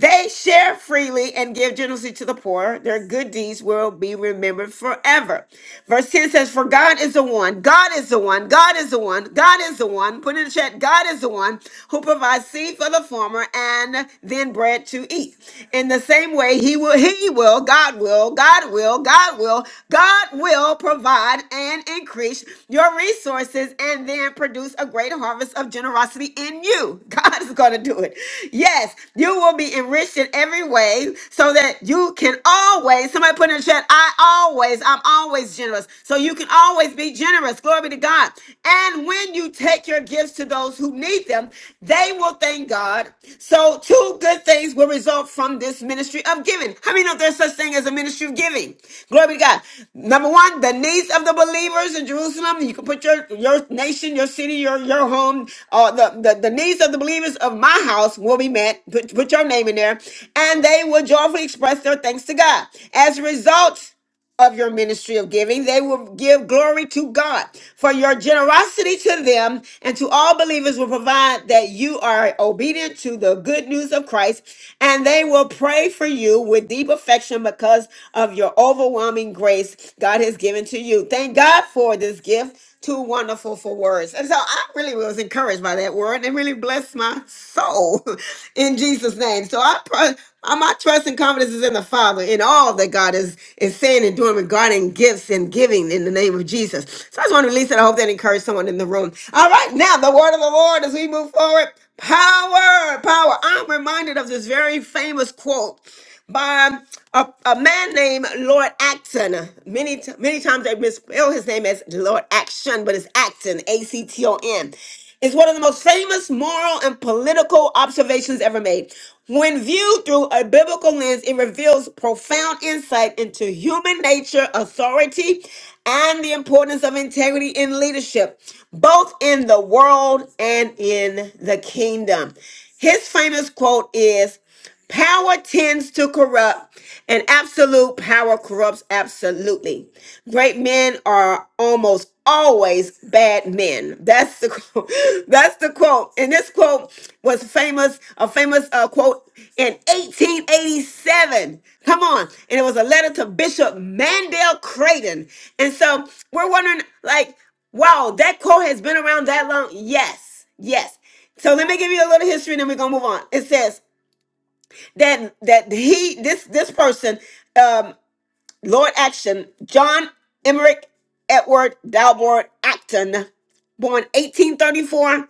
Speaker 1: They share freely and give generously to the poor. Their good deeds will be remembered forever. Verse 10 says, For God is the one, God is the one, God is the one, God is the one. Put in the chat, God is the one who provides seed for the farmer and then bread to eat. In the same way, He will, He will, God will, God will, God will, God will provide multiplied and increase your resources and then produce a great harvest of generosity in you. God is going to do it. Yes, you will be enriched in every way so that you can always, somebody put in the chat, I always, I'm always generous. So you can always be generous. Glory be to God. And when you take your gifts to those who need them, they will thank serving God. So two good things will result from this ministry of giving. How many know there's such thing as a ministry of giving? Glory be to God. Number one, the needs of the believers in Jerusalem. You can put your, your nation, your city, your, your home, uh, the, the, the needs of the believers of my house will be met. Put, put your name in there. And they will joyfully express their thanks to God. As a result, of your ministry of giving. They will give glory to God for your generosity to them and to all believers will provide that you are obedient to the good news of Christ and they will pray for you with deep affection because of your overwhelming grace God has given to you. Thank God for this gift too wonderful for words. And so I really was encouraged by that word and it really blessed my soul in Jesus' name. So I pray uh, my trust and confidence is in the Father, in all that God is, is saying and doing regarding gifts and giving in the name of Jesus. So I just want to release it. I hope that encouraged someone in the room. All right, now the word of the Lord as we move forward. Power, power. I'm reminded of this very famous quote by a, a man named Lord Acton. Many t- many times they misspell his name as Lord Action, but it's Acton, A C T O N. It's one of the most famous moral and political observations ever made. When viewed through a biblical lens, it reveals profound insight into human nature, authority, and the importance of integrity in leadership, both in the world and in the kingdom. His famous quote is Power tends to corrupt, and absolute power corrupts absolutely. Great men are almost always bad men. That's the quote. That's the quote. And this quote was famous, a famous uh, quote in 1887. Come on. And it was a letter to Bishop Mandel Creighton. And so we're wondering, like, wow, that quote has been around that long? Yes. Yes. So let me give you a little history and then we're going to move on. It says, that that he this this person um lord action john emmerich edward dalborn acton born 1834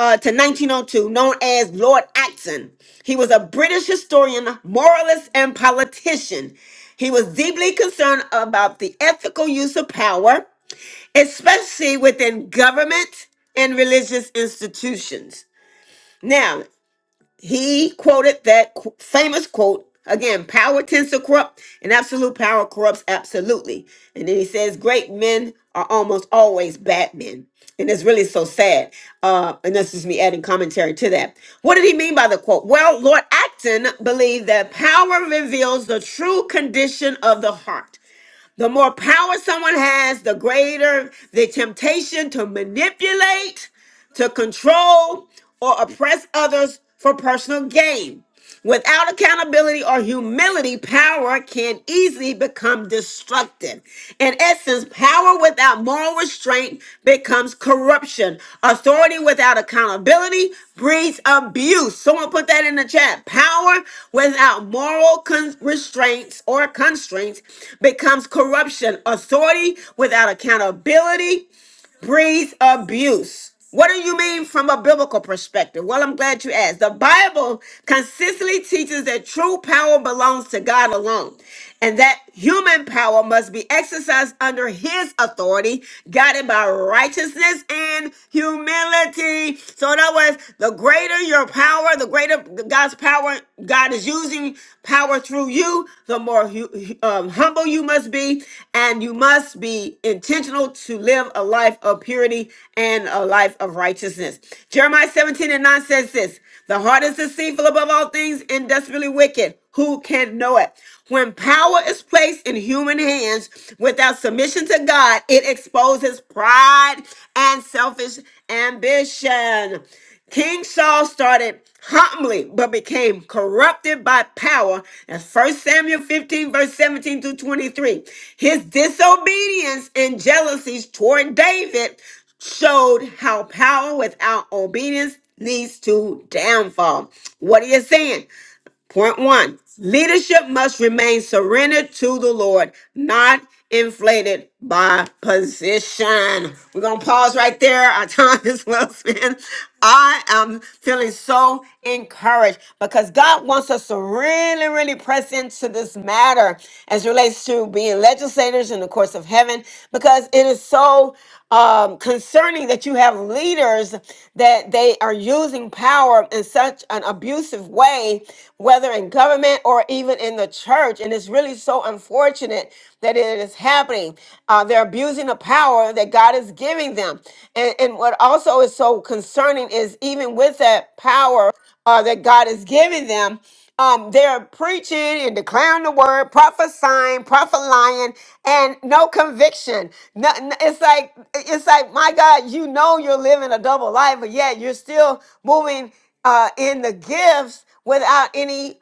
Speaker 1: uh, to 1902 known as lord acton he was a british historian moralist and politician he was deeply concerned about the ethical use of power especially within government and religious institutions now he quoted that qu- famous quote again power tends to corrupt and absolute power corrupts absolutely and then he says great men are almost always bad men and it's really so sad uh and this is me adding commentary to that what did he mean by the quote well lord acton believed that power reveals the true condition of the heart the more power someone has, the greater the temptation to manipulate, to control, or oppress others for personal gain. Without accountability or humility, power can easily become destructive. In essence, power without moral restraint becomes corruption. Authority without accountability breeds abuse. Someone put that in the chat. Power without moral con- restraints or constraints becomes corruption. Authority without accountability breeds abuse. What do you mean from a biblical perspective? Well, I'm glad you asked. The Bible consistently teaches that true power belongs to God alone and that human power must be exercised under his authority, guided by righteousness and humility. So in other words, the greater your power, the greater God's power God is using using power through you, the more hu- um, humble you must be. And you must be intentional to live a life of purity and a life of righteousness. Jeremiah 17 and 9 says this The heart is deceitful above all things and desperately wicked. Who can know it? When power is placed in human hands without submission to God, it exposes pride and selfish ambition. King Saul started humbly but became corrupted by power. That's First Samuel 15, verse 17 through 23. His disobedience and jealousies toward David showed how power without obedience leads to downfall. What are you saying? Point one leadership must remain surrendered to the Lord, not inflated by position. We're going to pause right there. Our time is well spent. I am feeling so encouraged because God wants us to really, really press into this matter as it relates to being legislators in the the courts of heaven because it is so um, concerning that you have leaders that they are using power in such an abusive way, whether in government or even in the church. And it's really so unfortunate that it is happening. Uh, they're abusing the power that God is giving them. And, and what also is so concerning is even with that power uh, that God is giving them. Um, they're preaching and declaring the word, prophesying, prophesying, and no conviction. No, n- it's like it's like my God, you know you're living a double life, but yet you're still moving uh, in the gifts without any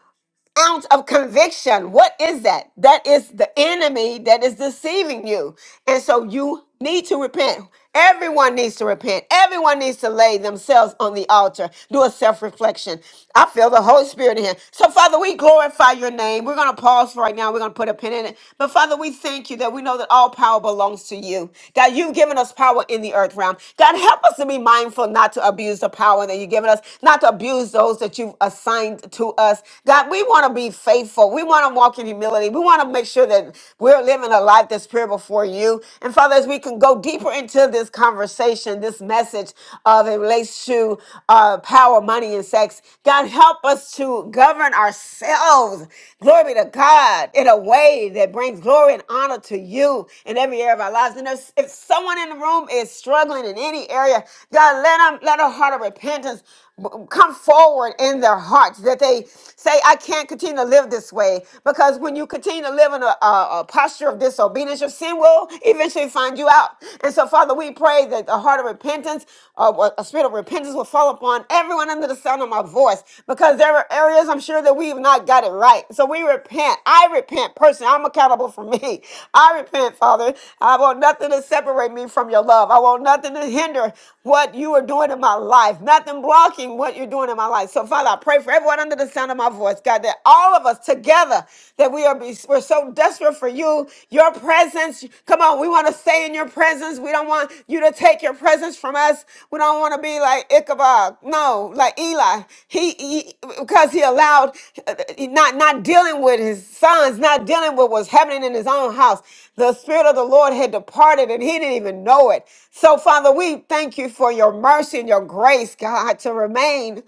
Speaker 1: ounce of conviction. What is that? That is the enemy that is deceiving you. And so you need to repent. Everyone needs to repent. Everyone needs to lay themselves on the altar, do a self reflection. I feel the Holy Spirit in here. So, Father, we glorify your name. We're going to pause for right now. We're going to put a pin in it. But, Father, we thank you that we know that all power belongs to you. God, you've given us power in the earth realm. God, help us to be mindful not to abuse the power that you've given us, not to abuse those that you've assigned to us. God, we want to be faithful. We want to walk in humility. We want to make sure that we're living a life that's pure before you. And Father, as we can go deeper into this conversation, this message of it relates to uh, power, money, and sex, God, help us to govern ourselves. Glory be to God in a way that brings glory and honor to you in every area of our lives. And if, if someone in the room is struggling in any area, God, let them let a heart of repentance b- come forward in their hearts that they say, I can't continue to live this way. Because when you continue to live in a, a- a posture of disobedience, your sin will eventually find you out. And so, Father, we pray that the heart of repentance, uh, a spirit of repentance will fall upon everyone under the sound of my voice. Because there are areas I'm sure that we've not got it right. So we repent. I repent personally. I'm accountable for me. I repent, Father. I want nothing to separate me from your love. I want nothing to hinder what you are doing in my life, nothing blocking what you're doing in my life. So, Father, I pray for everyone under the sound of my voice, God, that all of us together, that we are be, we're so desperate for you, your presence. Come on, we want to stay in your presence. We don't want you to take your presence from us. We don't want to be like Ichabod, no, like Eli. He, he because he allowed uh, not not dealing with his sons, not dealing with what's happening in his own house. The spirit of the Lord had departed, and he didn't even know it. So, Father, we thank you for your mercy and your grace, God, to remain.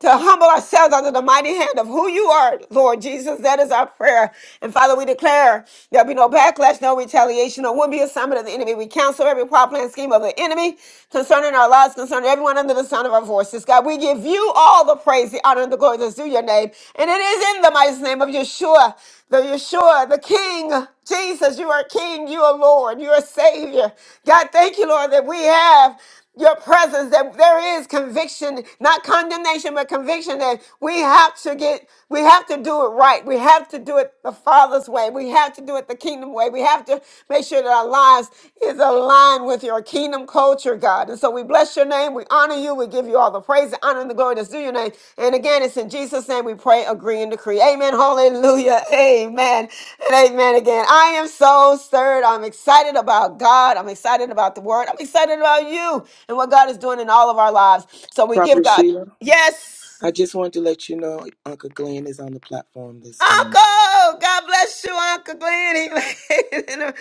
Speaker 1: To humble ourselves under the mighty hand of who you are, Lord Jesus. That is our prayer. And Father, we declare there'll be no backlash, no retaliation, or will be assignment of the enemy. We cancel every plot, plan, scheme of the enemy concerning our lives, concerning everyone under the sound of our voices. God, we give you all the praise, the honor, and the glory that's due your name. And it is in the mighty name of Yeshua, the Yeshua, the King. Jesus, you are King, you are Lord, you are Savior. God, thank you, Lord, that we have your presence that there is conviction not condemnation but conviction that we have to get we have to do it right we have to do it the father's way we have to do it the kingdom way we have to make sure that our lives is aligned with your kingdom culture god and so we bless your name we honor only you. We give you all the praise, the honor, and the glory that's due your name. And again, it's in Jesus' name we pray, agree, and decree. Amen. Hallelujah. Amen. And amen again. I am so stirred. I'm excited about God. I'm excited about the word. I'm excited about you and what God is doing in all of our lives. So we give
Speaker 3: Prophet
Speaker 1: God.
Speaker 3: Sheila,
Speaker 1: Yes.
Speaker 3: I just wanted to let you know Uncle Glenn is on the platform this morning.
Speaker 1: Uncle, God bless you, Uncle Glenn. He laid in the-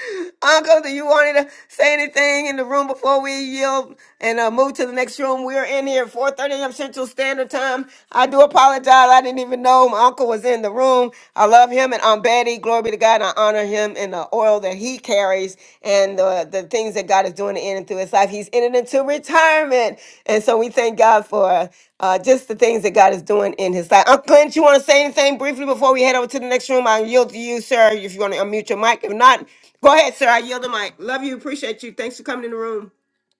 Speaker 1: Uncle, do you want to say anything in the room before we yield and uh, move to the next room? We're in here at 4.30 a.m. Central Standard Time. I do apologize. I didn't even know my uncle was in the room. I love him and Aunt Betty. Glory be to God. I honor him and the oil that he carries and the, the things that God is doing in and through his life. He's entered into retirement. And so we thank God for uh, just the things that God is doing in his life. Uncle Clint, you want to say anything briefly before we head over to the next room? I yield to you, sir, if you want to unmute your mic. If not, go ahead, sir. I yield the mic. Love you. Appreciate you. Thanks for coming in the room.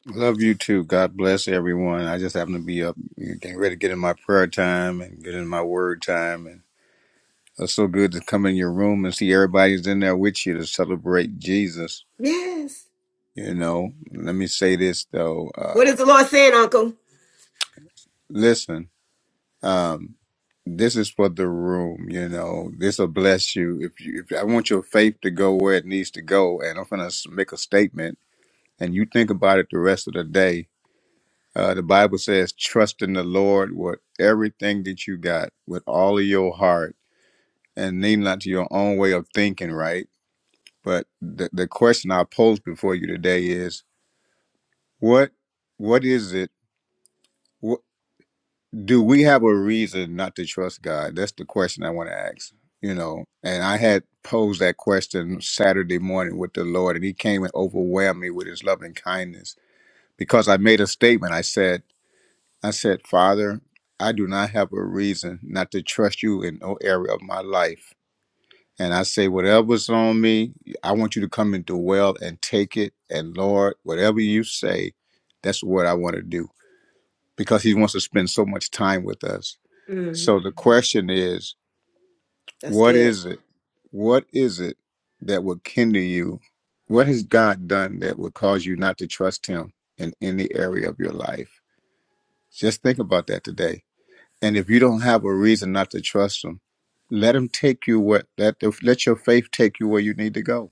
Speaker 15: Love you too. God bless everyone. I just happen to be up, you know, getting ready to get in my prayer time and get in my word time. And it's so good to come in your room and see everybody's in there with you to celebrate Jesus.
Speaker 1: Yes.
Speaker 15: You know, let me say this though. Uh,
Speaker 1: What is the Lord saying, Uncle?
Speaker 15: listen, um, this is for the room. You know, this will bless you. If you, if I want your faith to go where it needs to go, and I'm gonna s- make a statement, and you think about it the rest of the day Uh, the Bible says, trust in the Lord with everything that you got, with all of your heart, and lean not to your own way of thinking, right? But the, the question I pose before you today is, what what is it? What, do we have a reason not to trust God? That's the question I want to ask. You know, and I had posed that question Saturday morning with the Lord, and He came and overwhelmed me with His loving kindness because I made a statement. I said. I said, Father, I do not have a reason not to trust you in no area of my life. And I say, whatever's on me, I want you to come and dwell and take it. And Lord, whatever you say, that's what I want to do because He wants to spend so much time with us. So the question is,
Speaker 1: That's
Speaker 15: what
Speaker 1: good.
Speaker 15: is it? What is it that would kindle you? What has God done that would cause you not to trust Him in any area of your life? Just think about that today And if you don't have a reason not to trust him, let him take you where let let your faith take you where you need to go.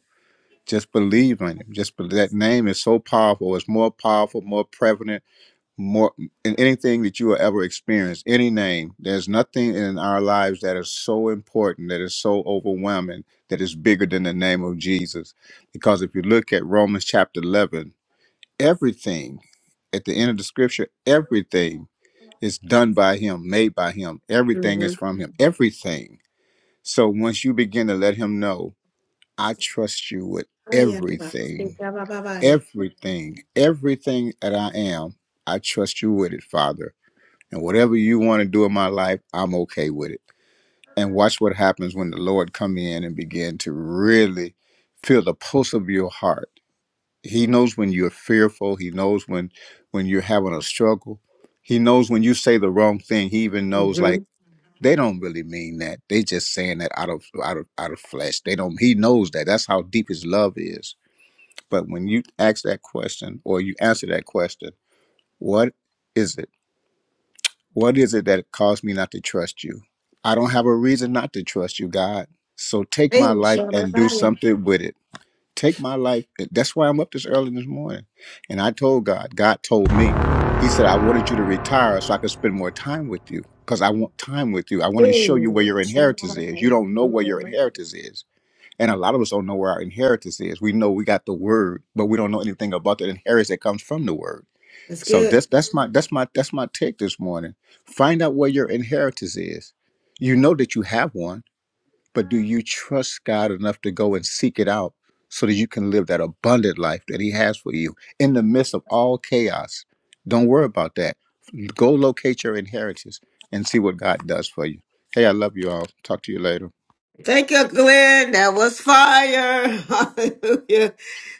Speaker 15: Just believe in him. Just believe, that name is so powerful. It's more powerful, more prevalent, more in anything that you will ever experience. Any name. There's nothing in our lives that is so important, that is so overwhelming, that is bigger than the name of Jesus. Because if you look at Romans chapter 11, everything at the end of the scripture, everything it's done by him, made by him. Everything is from him. Everything. So once you begin to let him know, I trust you with everything, everything, everything that I am, I trust you with it, Father. And whatever you want to do in my life, I'm okay with it. And watch what happens when the Lord come in and begin to really feel the pulse of your heart. He knows when you're fearful. He knows when when you're having a struggle. He knows when you say the wrong thing. He even knows like they don't really mean that. They just saying that out of out of out of flesh. They don't. He knows that. That's how deep his love is. But when you ask that question or you answer that question, what is it? What is it that caused me not to trust you? I don't have a reason not to trust you, God. So take my life
Speaker 1: Mhm.
Speaker 15: and do something with it take my life. That's why I'm up this early this morning. And I told God, God told me, He said, I wanted you to retire so I could spend more time with you because I want time with you. I want to show you where your inheritance is. You don't know where your inheritance is. And a lot of us don't know where our inheritance is. We know we got the word, but we don't know anything about the inheritance that comes from the word. So that's that's my that's my that's my take this morning. Find out where your inheritance is. You know that you have one but do you trust God enough to go and seek it out so that you can live that abundant life that He has for you in the midst of all chaos? Don't worry about that. Go locate your inheritance and see what God does for you. Hey, I love you all. Talk to you later.
Speaker 1: Thank you, Glenn. That was fire. Hallelujah.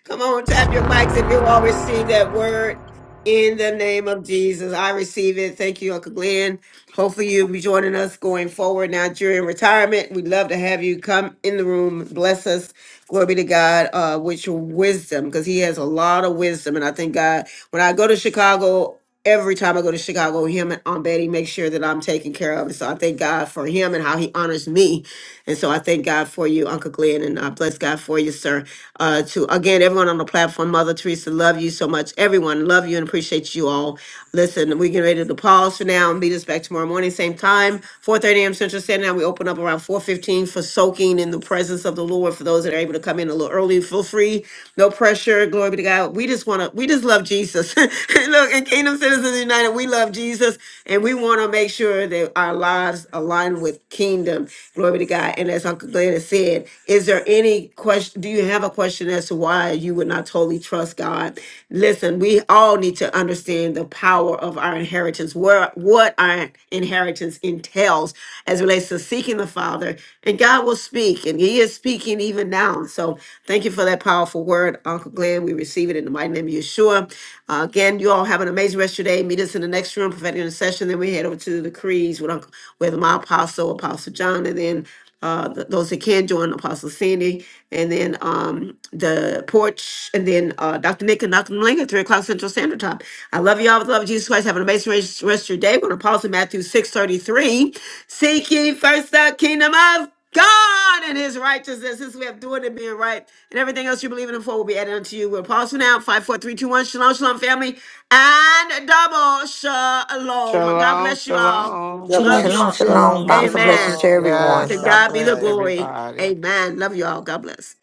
Speaker 1: Come on, tap your mics if you all receive that word in the name of Jesus. I receive it. Thank you, Uncle Glenn. Hopefully, you'll be joining us going forward now during retirement. We'd love to have you come in the room. Bless us. Glory be to God uh, with your wisdom because he has a lot of wisdom. And I thank God, when I go to Chicago, every time I go to Chicago, him and Aunt Betty make sure that I'm taken care of. And so I thank God for him and how he honors me and so I thank God for you, Uncle Glenn, and I bless God for you, sir. Uh, to again, everyone on the platform, Mother Teresa, love you so much. Everyone, love you and appreciate you all. Listen, we're getting ready to pause for now and meet us back tomorrow morning, same time, 4:30 a.m. Central Standard Time. We open up around 4:15 for soaking in the presence of the Lord. For those that are able to come in a little early, feel free, no pressure. Glory be to God. We just want to, we just love Jesus. And Look, in Kingdom Citizens United, we love Jesus, and we want to make sure that our lives align with Kingdom kingdom. Glory to God. And as Uncle Glenn has said, is there any question? Do you have a question as to why you would not totally trust God? Listen, we all need to understand the power of our inheritance, where what our inheritance entails as it relates to seeking the Father. And God will speak, and He is speaking even now. So thank you for that powerful word, Uncle Glenn. We receive it in the mighty name of Yeshua. Uh, again, you all have an amazing rest of your day. Meet us in the next room, prophetic intercession. Then we head over to the decrees with Uncle with as my apostle, Apostle John, and then uh, th- those that can join, Apostle Sandy, and then um, the porch, and then uh, Dr. Nick and Dr. Malinga, at 3 o'clock Central Standard Time. I love you all with the love of Jesus Christ. Have an amazing rest, rest of your day. We're going to pause in Matthew 6.33. Seek ye first the kingdom of God and his righteousness. This we have doing it, being right, and everything else you believe in and for will be added unto you. We'll pause for now. Five, four, three, two, one. Shalom, shalom, family, and double shalom. God
Speaker 2: Shalom,
Speaker 1: bless you all.
Speaker 2: shalom.
Speaker 3: Double
Speaker 1: Love
Speaker 3: up.
Speaker 12: Shalom,
Speaker 1: you
Speaker 13: Shalom,
Speaker 1: all.
Speaker 12: shalom.
Speaker 13: shalom.
Speaker 3: Shalom,
Speaker 13: Bountiful
Speaker 9: shalom.
Speaker 13: blessings
Speaker 1: Amen.
Speaker 13: to
Speaker 9: God
Speaker 3: shalom. Great
Speaker 2: Yes,
Speaker 1: To
Speaker 13: everyone.
Speaker 9: bless.
Speaker 3: room
Speaker 2: God
Speaker 1: God be the
Speaker 2: bless
Speaker 3: today.
Speaker 1: glory.
Speaker 2: everybody.
Speaker 1: Amen. Love you all. God bless.